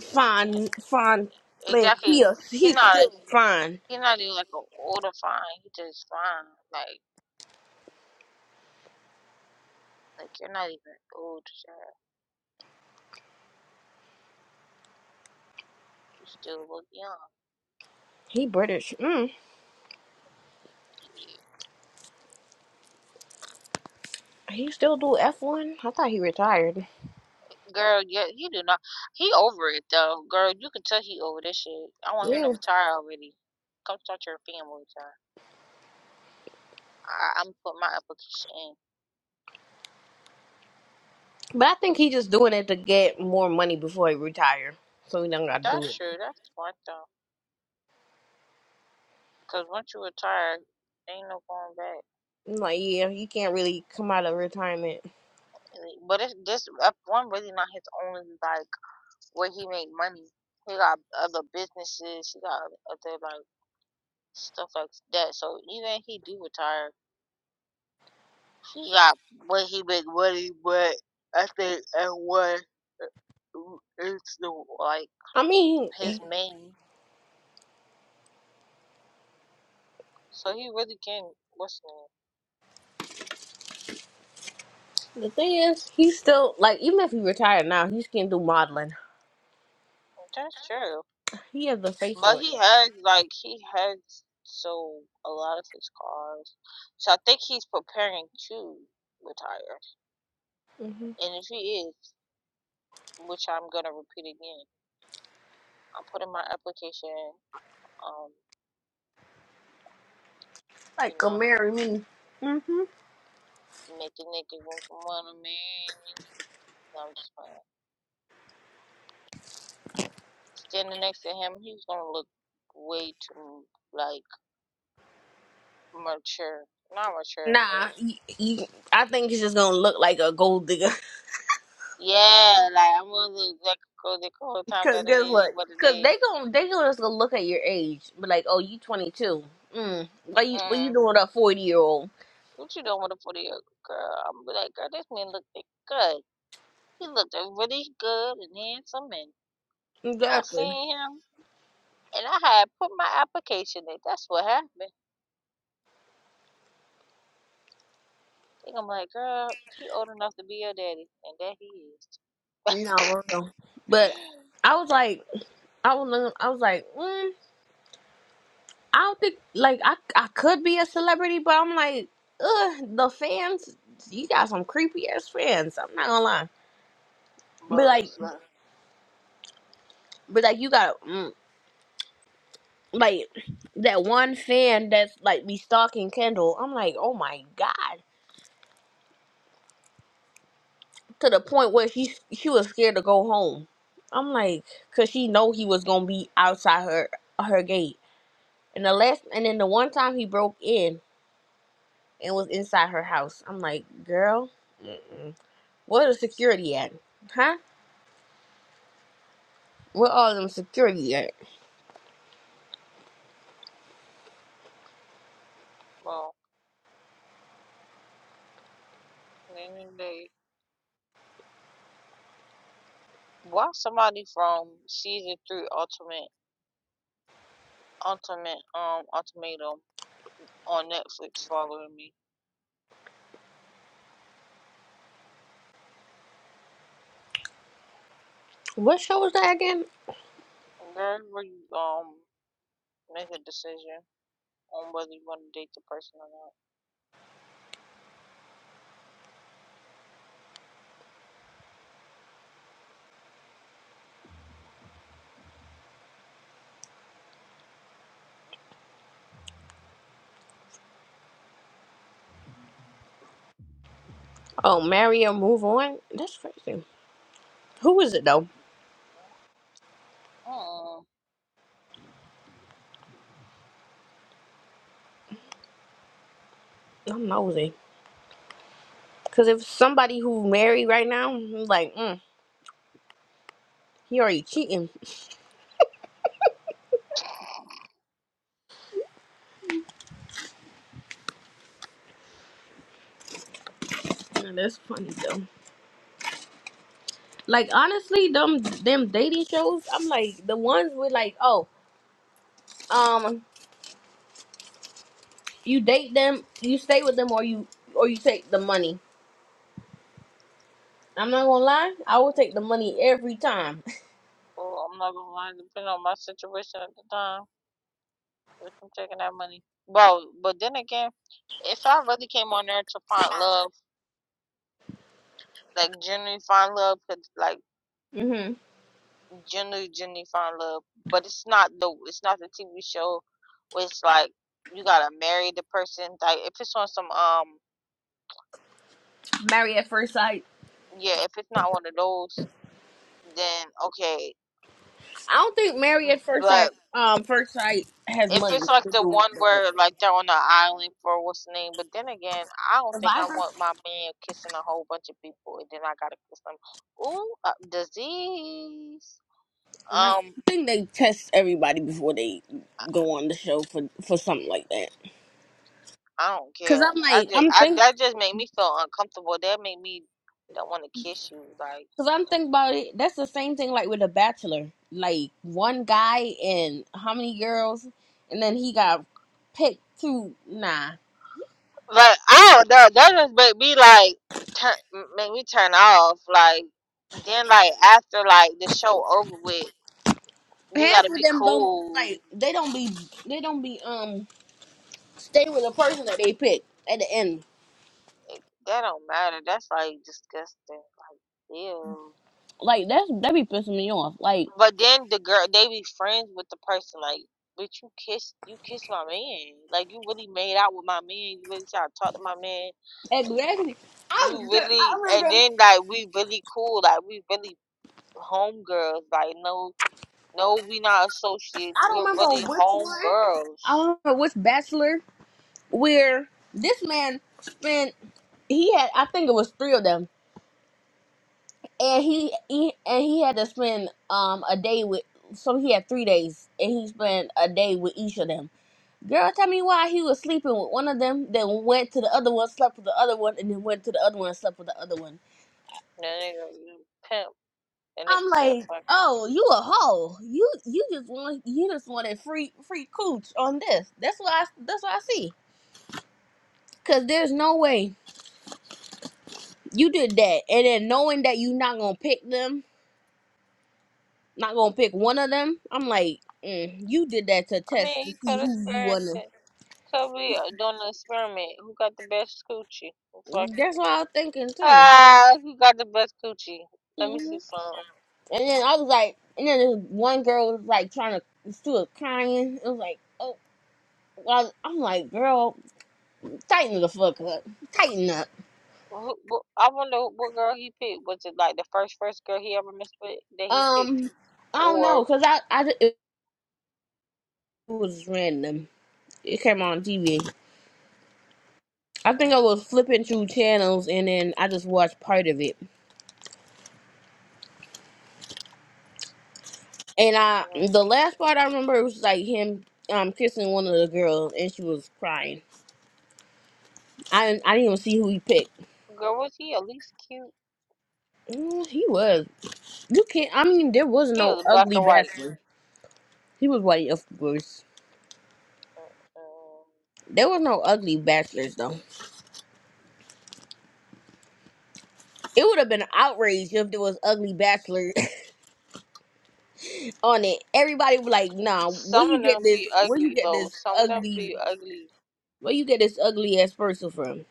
Speaker 2: Fine, fine. thing. he
Speaker 1: Exactly.
Speaker 2: a,
Speaker 1: He
Speaker 2: he's
Speaker 1: not.
Speaker 2: still fine.
Speaker 1: He not even like an older fine. He just fine. Like like you're not even old, sir. You still look young.
Speaker 2: He British. Mm.
Speaker 1: Yeah.
Speaker 2: He still do F one? I thought he retired.
Speaker 1: Girl, yeah. He do not. He over it though. Girl, you can tell he over this shit. I want him to
Speaker 2: Yeah.
Speaker 1: retire already. Come start your family, sir. I, I'm put my application in.
Speaker 2: But I think he just doing it to get more money before he retire. So he don't gotta do
Speaker 1: That's
Speaker 2: it.
Speaker 1: true. That's smart though. Cause once you retire, ain't no going back.
Speaker 2: I'm like, yeah, he can't really come out of retirement.
Speaker 1: Really. But it's this up one really not his only like where he make money. He got other businesses. He got other like stuff like that. So even if he do retire, he got what he make money. But I think and what is the like
Speaker 2: I mean,
Speaker 1: his main. So he really can. What's the
Speaker 2: the thing is, he's still like, even if he retired now, he can do modeling.
Speaker 1: name? That's true.
Speaker 2: He has the face
Speaker 1: But
Speaker 2: for it.
Speaker 1: he has like he has sold a lot of his cars, so I think he's preparing to retire.
Speaker 2: hmm
Speaker 1: And if he is, which I'm gonna repeat again, I'm putting my application. in, Um,
Speaker 2: Like,
Speaker 1: you
Speaker 2: go
Speaker 1: know,
Speaker 2: marry me. hmm
Speaker 1: making nigga want to wanna man. No, I'm just playing. Standing next to him, he's gonna look way too like mature. Not mature,
Speaker 2: Nah,
Speaker 1: but
Speaker 2: y y I I think he's just gonna look like a gold digger.
Speaker 1: yeah, like I'm gonna look like a girl the whole time
Speaker 2: Cause
Speaker 1: that it
Speaker 2: good luck.
Speaker 1: ain't what it
Speaker 2: Cause they
Speaker 1: is.
Speaker 2: gon' they gonna just gonna look at your age, be like, oh, you twenty two. Mm, what you what
Speaker 1: Mm.
Speaker 2: you doing with a forty year old?
Speaker 1: What you doing with a 40 year old girl? I'm be like, girl, this man looked good. He looked really good and handsome, and I
Speaker 2: Exactly.
Speaker 1: seen him, and I had put my application in. That's what happened. Think I'm like, girl, he old enough to be your daddy, and there he is.
Speaker 2: No, for real. But I was like, I was looking, I was like, mm, I don't think like I I could be a celebrity, but I'm like, ugh, the fans, you got some creepy ass fans. I'm not gonna lie. But
Speaker 1: but
Speaker 2: like,
Speaker 1: it's like,
Speaker 2: but like you got mm, like that one fan that's like be stalking Kendall. I'm like, oh my god. to the point where she she was scared to go home. I'm like, cause she know he was gonna be outside her her gate. And the last, and then the one time he broke in and was inside her house. I'm like, girl, mm-mm. where the security at? Huh? Where all them security at?
Speaker 1: well, at the end day, why somebody from season three, ultimate, ultimate, um, ultimatum on Netflix following me?
Speaker 2: What show was that again?
Speaker 1: Girl, where you um make a decision? on whether you want to date the person or not.
Speaker 2: Oh, marry or move on. That's crazy. Who is it though?
Speaker 1: Mm.
Speaker 2: I'm nosy. Cause if somebody who married right now, I'm like, mm, he already cheating. That's funny though. Like honestly, them them dating shows, I'm like the ones with like, oh, um, you date them, you stay with them, or you or you take the money. I'm not gonna lie, I will take the money every time.
Speaker 1: Well, I'm not gonna lie, depending on my situation at the time, if I'm taking that money. Well, but then again, if I really came on there to find love, like genuinely find love, 'cause, like
Speaker 2: hmm
Speaker 1: genuinely, genuinely find love, but it's not the it's not the TV show where it's like you gotta marry the person. Like if it's on some um
Speaker 2: Marry at first sight.
Speaker 1: yeah, if it's not one of those, then okay.
Speaker 2: I don't think marry at first
Speaker 1: but.
Speaker 2: sight, um, first sight has
Speaker 1: If
Speaker 2: money
Speaker 1: it's like
Speaker 2: to
Speaker 1: the
Speaker 2: do
Speaker 1: one
Speaker 2: with the
Speaker 1: where like they're on the island for what's the name, but then again, I don't think I
Speaker 2: Survivor.
Speaker 1: want my man kissing a whole bunch of people and then I gotta kiss them. Ooh, uh, disease.
Speaker 2: No, I
Speaker 1: Um,
Speaker 2: think they test everybody before they
Speaker 1: I
Speaker 2: go on the show for for something like that.
Speaker 1: I don't
Speaker 2: Cause
Speaker 1: care.
Speaker 2: I'm
Speaker 1: I
Speaker 2: like,
Speaker 1: just
Speaker 2: I'm
Speaker 1: I
Speaker 2: thinking.
Speaker 1: that just made me feel uncomfortable. That made me don't want to kiss you. Like
Speaker 2: Cause I'm thinking about it. That's the same thing like with The Bachelor. Like one guy and how many girls, and then he got picked two. Nah,
Speaker 1: like I don't know. That just made me like turn make me turn off. Like then like after like the show over with, we
Speaker 2: half
Speaker 1: gotta
Speaker 2: of
Speaker 1: be
Speaker 2: them don't
Speaker 1: cool
Speaker 2: like. They don't be. They don't be um stay with the person that they pick at the end.
Speaker 1: That don't matter. That's like disgusting. Like, ew.
Speaker 2: Like that's that be pissing me off. Like
Speaker 1: But then the girl, they be friends with the person. Like, bitch, you kiss, you kiss my man. Like, you really made out with my man. You really try to talk to my man.
Speaker 2: exactly.
Speaker 1: You
Speaker 2: I
Speaker 1: really,
Speaker 2: I
Speaker 1: and
Speaker 2: remember.
Speaker 1: then like we really cool. Like, we really homegirls. Like, no, no, we not associates.
Speaker 2: I don't
Speaker 1: We're
Speaker 2: remember
Speaker 1: really
Speaker 2: which one. I
Speaker 1: homegirls.
Speaker 2: don't remember which Bachelor where this man spent. He had. I think it was three of them and he, he and he had to spend um a day with so he had three days and he spent a day with each of them girl tell me why he was sleeping with one of them then went to the other one slept with the other one and then went to the other one and slept with the other one
Speaker 1: That nigga, you pimp. That
Speaker 2: i'm
Speaker 1: nigga said,
Speaker 2: like
Speaker 1: fuck it.
Speaker 2: oh you a hoe you you just want you just wanted free free cooch on this that's what i that's what i see because there's no way you did that and then knowing that you're not gonna pick them not gonna pick one of them. I'm like, mm, you did that to
Speaker 1: I mean,
Speaker 2: test to
Speaker 1: he
Speaker 2: see
Speaker 1: could
Speaker 2: who you
Speaker 1: experience
Speaker 2: wanna.
Speaker 1: it. Kobe uh, doing an experiment. Who got the best coochie? It's like,
Speaker 2: That's what I was thinking too.
Speaker 1: ah, who got the best coochie? Let me
Speaker 2: hmm
Speaker 1: see some.
Speaker 2: And then I was like, and then this one girl was like trying to still crying. It was like, oh, well, I'm like, girl, tighten the fuck up, tighten up.
Speaker 1: Who, wh- I wonder what girl he picked. Was it like the first first girl he ever messed with that he picked,
Speaker 2: Um, I don't
Speaker 1: or
Speaker 2: know, cause I, I ju- it was random. It came on TV. I think I
Speaker 1: mm,
Speaker 2: was flipping through channels and then I just watched part of it
Speaker 1: which
Speaker 2: And
Speaker 1: was
Speaker 2: I,
Speaker 1: her?
Speaker 2: the last part I remember was like him um kissing one of the girls, and she was crying. I didn't- I didn't even see who he picked.
Speaker 1: girl was he at least cute?
Speaker 2: Mm, he was. You can't. I mean, there was
Speaker 1: He
Speaker 2: no
Speaker 1: was black
Speaker 2: ugly
Speaker 1: or white.
Speaker 2: bachelor. He was white, of course.
Speaker 1: Mm.
Speaker 2: There was no ugly bachelors though. It would have been outrage if there was ugly bachelor on it. Everybody was like, "Nah, where
Speaker 1: Some
Speaker 2: you
Speaker 1: of
Speaker 2: get
Speaker 1: them be
Speaker 2: this? Where you
Speaker 1: ugly
Speaker 2: get
Speaker 1: though.
Speaker 2: this
Speaker 1: Some of them
Speaker 2: ugly?
Speaker 1: be ugly.
Speaker 2: Where you get this ugly ass person from?"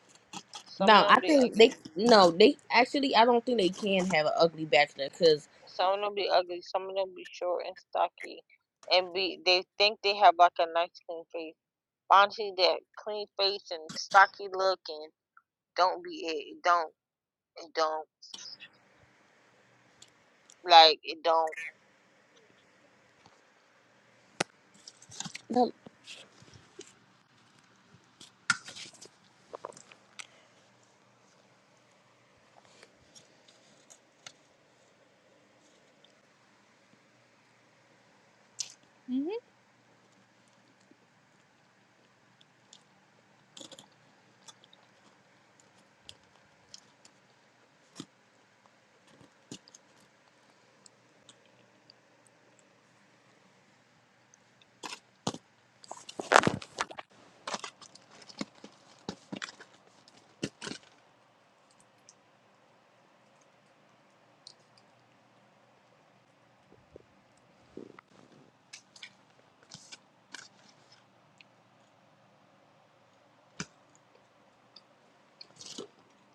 Speaker 1: Some of
Speaker 2: No,
Speaker 1: them
Speaker 2: I
Speaker 1: be
Speaker 2: think they
Speaker 1: ugly.
Speaker 2: no, they actually I don't think they can have an ugly bachelor because
Speaker 1: Some of them be ugly. Some of them be short and stocky and be they think they have like a nice clean face. Honestly, that clean face and stocky look and don't be it. It don't. It don't. Like it don't.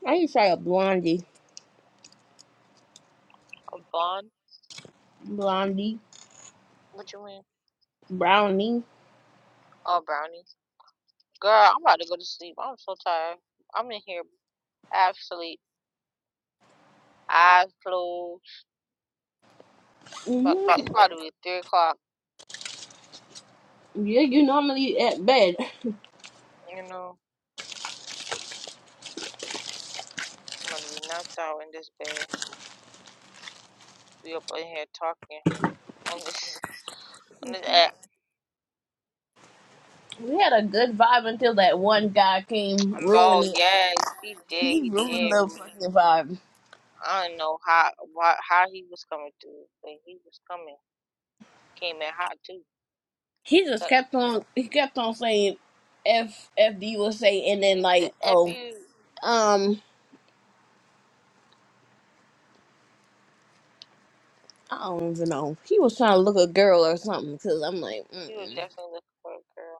Speaker 2: I used to try a blondie,
Speaker 1: A bun?
Speaker 2: blondie,
Speaker 1: What you mean?
Speaker 2: brownie.
Speaker 1: Oh, brownies. Girl, I'm about to go to sleep. I'm so tired. I'm in here absolutely eyes closed. But
Speaker 2: Mm-hmm.
Speaker 1: it's about to be three o'clock.
Speaker 2: Yeah, you normally at bed.
Speaker 1: You know, I'm about to be knocked out in this bed. We up in here talking on this on this app.
Speaker 2: We had a good vibe until that one guy came ruin
Speaker 1: Bro,
Speaker 2: it.
Speaker 1: yes, he did.
Speaker 2: He
Speaker 1: He
Speaker 2: ruined
Speaker 1: did.
Speaker 2: the
Speaker 1: Really.
Speaker 2: fucking vibe.
Speaker 1: I don't know how why, how he was coming through, but he was coming. came in hot too.
Speaker 2: He just
Speaker 1: So
Speaker 2: kept on. He kept on saying, "F F D was say," and then
Speaker 1: he said,
Speaker 2: like,
Speaker 1: "If
Speaker 2: oh,
Speaker 1: you,
Speaker 2: um, I don't even know. He was trying to look a girl or something. Cause I'm like,
Speaker 1: he was
Speaker 2: mm-mm,
Speaker 1: definitely looking for a girl.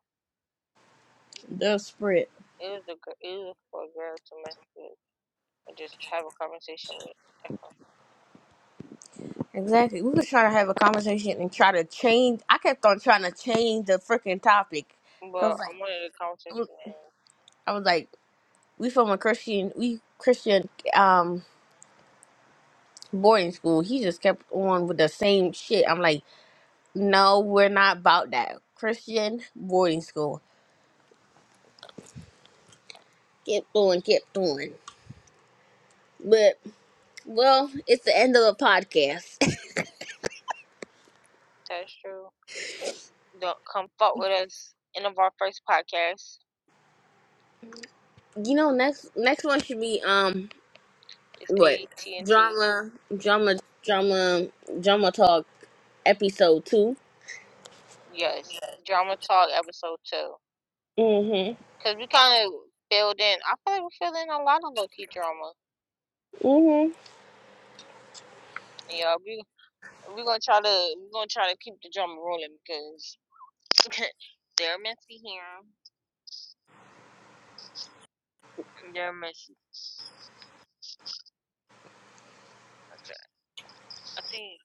Speaker 2: desperate.
Speaker 1: It was a girl. He was looking for a girl to mess with and just have a conversation with, definitely.
Speaker 2: Exactly. We was trying to have a conversation and try to change. I kept on trying to change the freaking topic.
Speaker 1: But
Speaker 2: Cause
Speaker 1: I
Speaker 2: like.
Speaker 1: wanted a conversation,
Speaker 2: I
Speaker 1: man.
Speaker 2: was like, we from a Christian, we Christian um boarding school. He just kept on with the same shit. I'm like, no, we're not about that. Christian boarding school. Kept on, kept on. But well, it's the end of the podcast.
Speaker 1: That's true. Don't come fuck with us. End of our first podcast.
Speaker 2: you know, next next one should be um
Speaker 1: It's
Speaker 2: what
Speaker 1: AT&T.
Speaker 2: drama, drama, drama, drama talk episode two.
Speaker 1: Yes, drama talk episode two.
Speaker 2: Mhm.
Speaker 1: Cause we kind of filled in. I feel like we filled in a lot of low key drama.
Speaker 2: Mhm.
Speaker 1: Yeah, we we gonna try to we gonna try to keep the drama rolling because They're messy here. They're messy. Okay. I think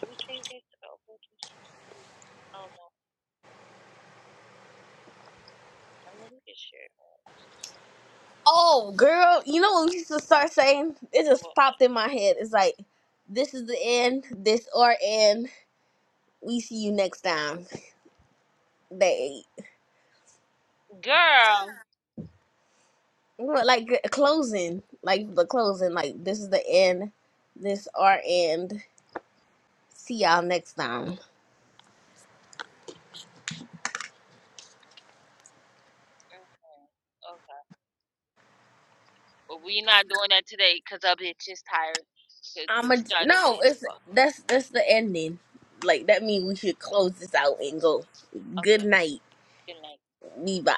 Speaker 1: do we save this? Oh, we'll just, I don't know. I'm gonna look at shit.
Speaker 2: Oh, girl, you know when Lisa start saying it just
Speaker 1: But
Speaker 2: popped in my head. It's like this is the end. This or end. We see you next time. They
Speaker 1: girl.
Speaker 2: well, like uh, closing, like the closing. Like this is the end. This or end. See y'all next time.
Speaker 1: Mhm. Okay. Well, we not doing that today because our bitch is tired. Cause
Speaker 2: I'm
Speaker 1: we
Speaker 2: a
Speaker 1: started
Speaker 2: no.
Speaker 1: late as
Speaker 2: It's
Speaker 1: fuck.
Speaker 2: that's that's the ending. Like that means we should close this out and go. Good
Speaker 1: Okay.
Speaker 2: night.
Speaker 1: Good night.
Speaker 2: We bye.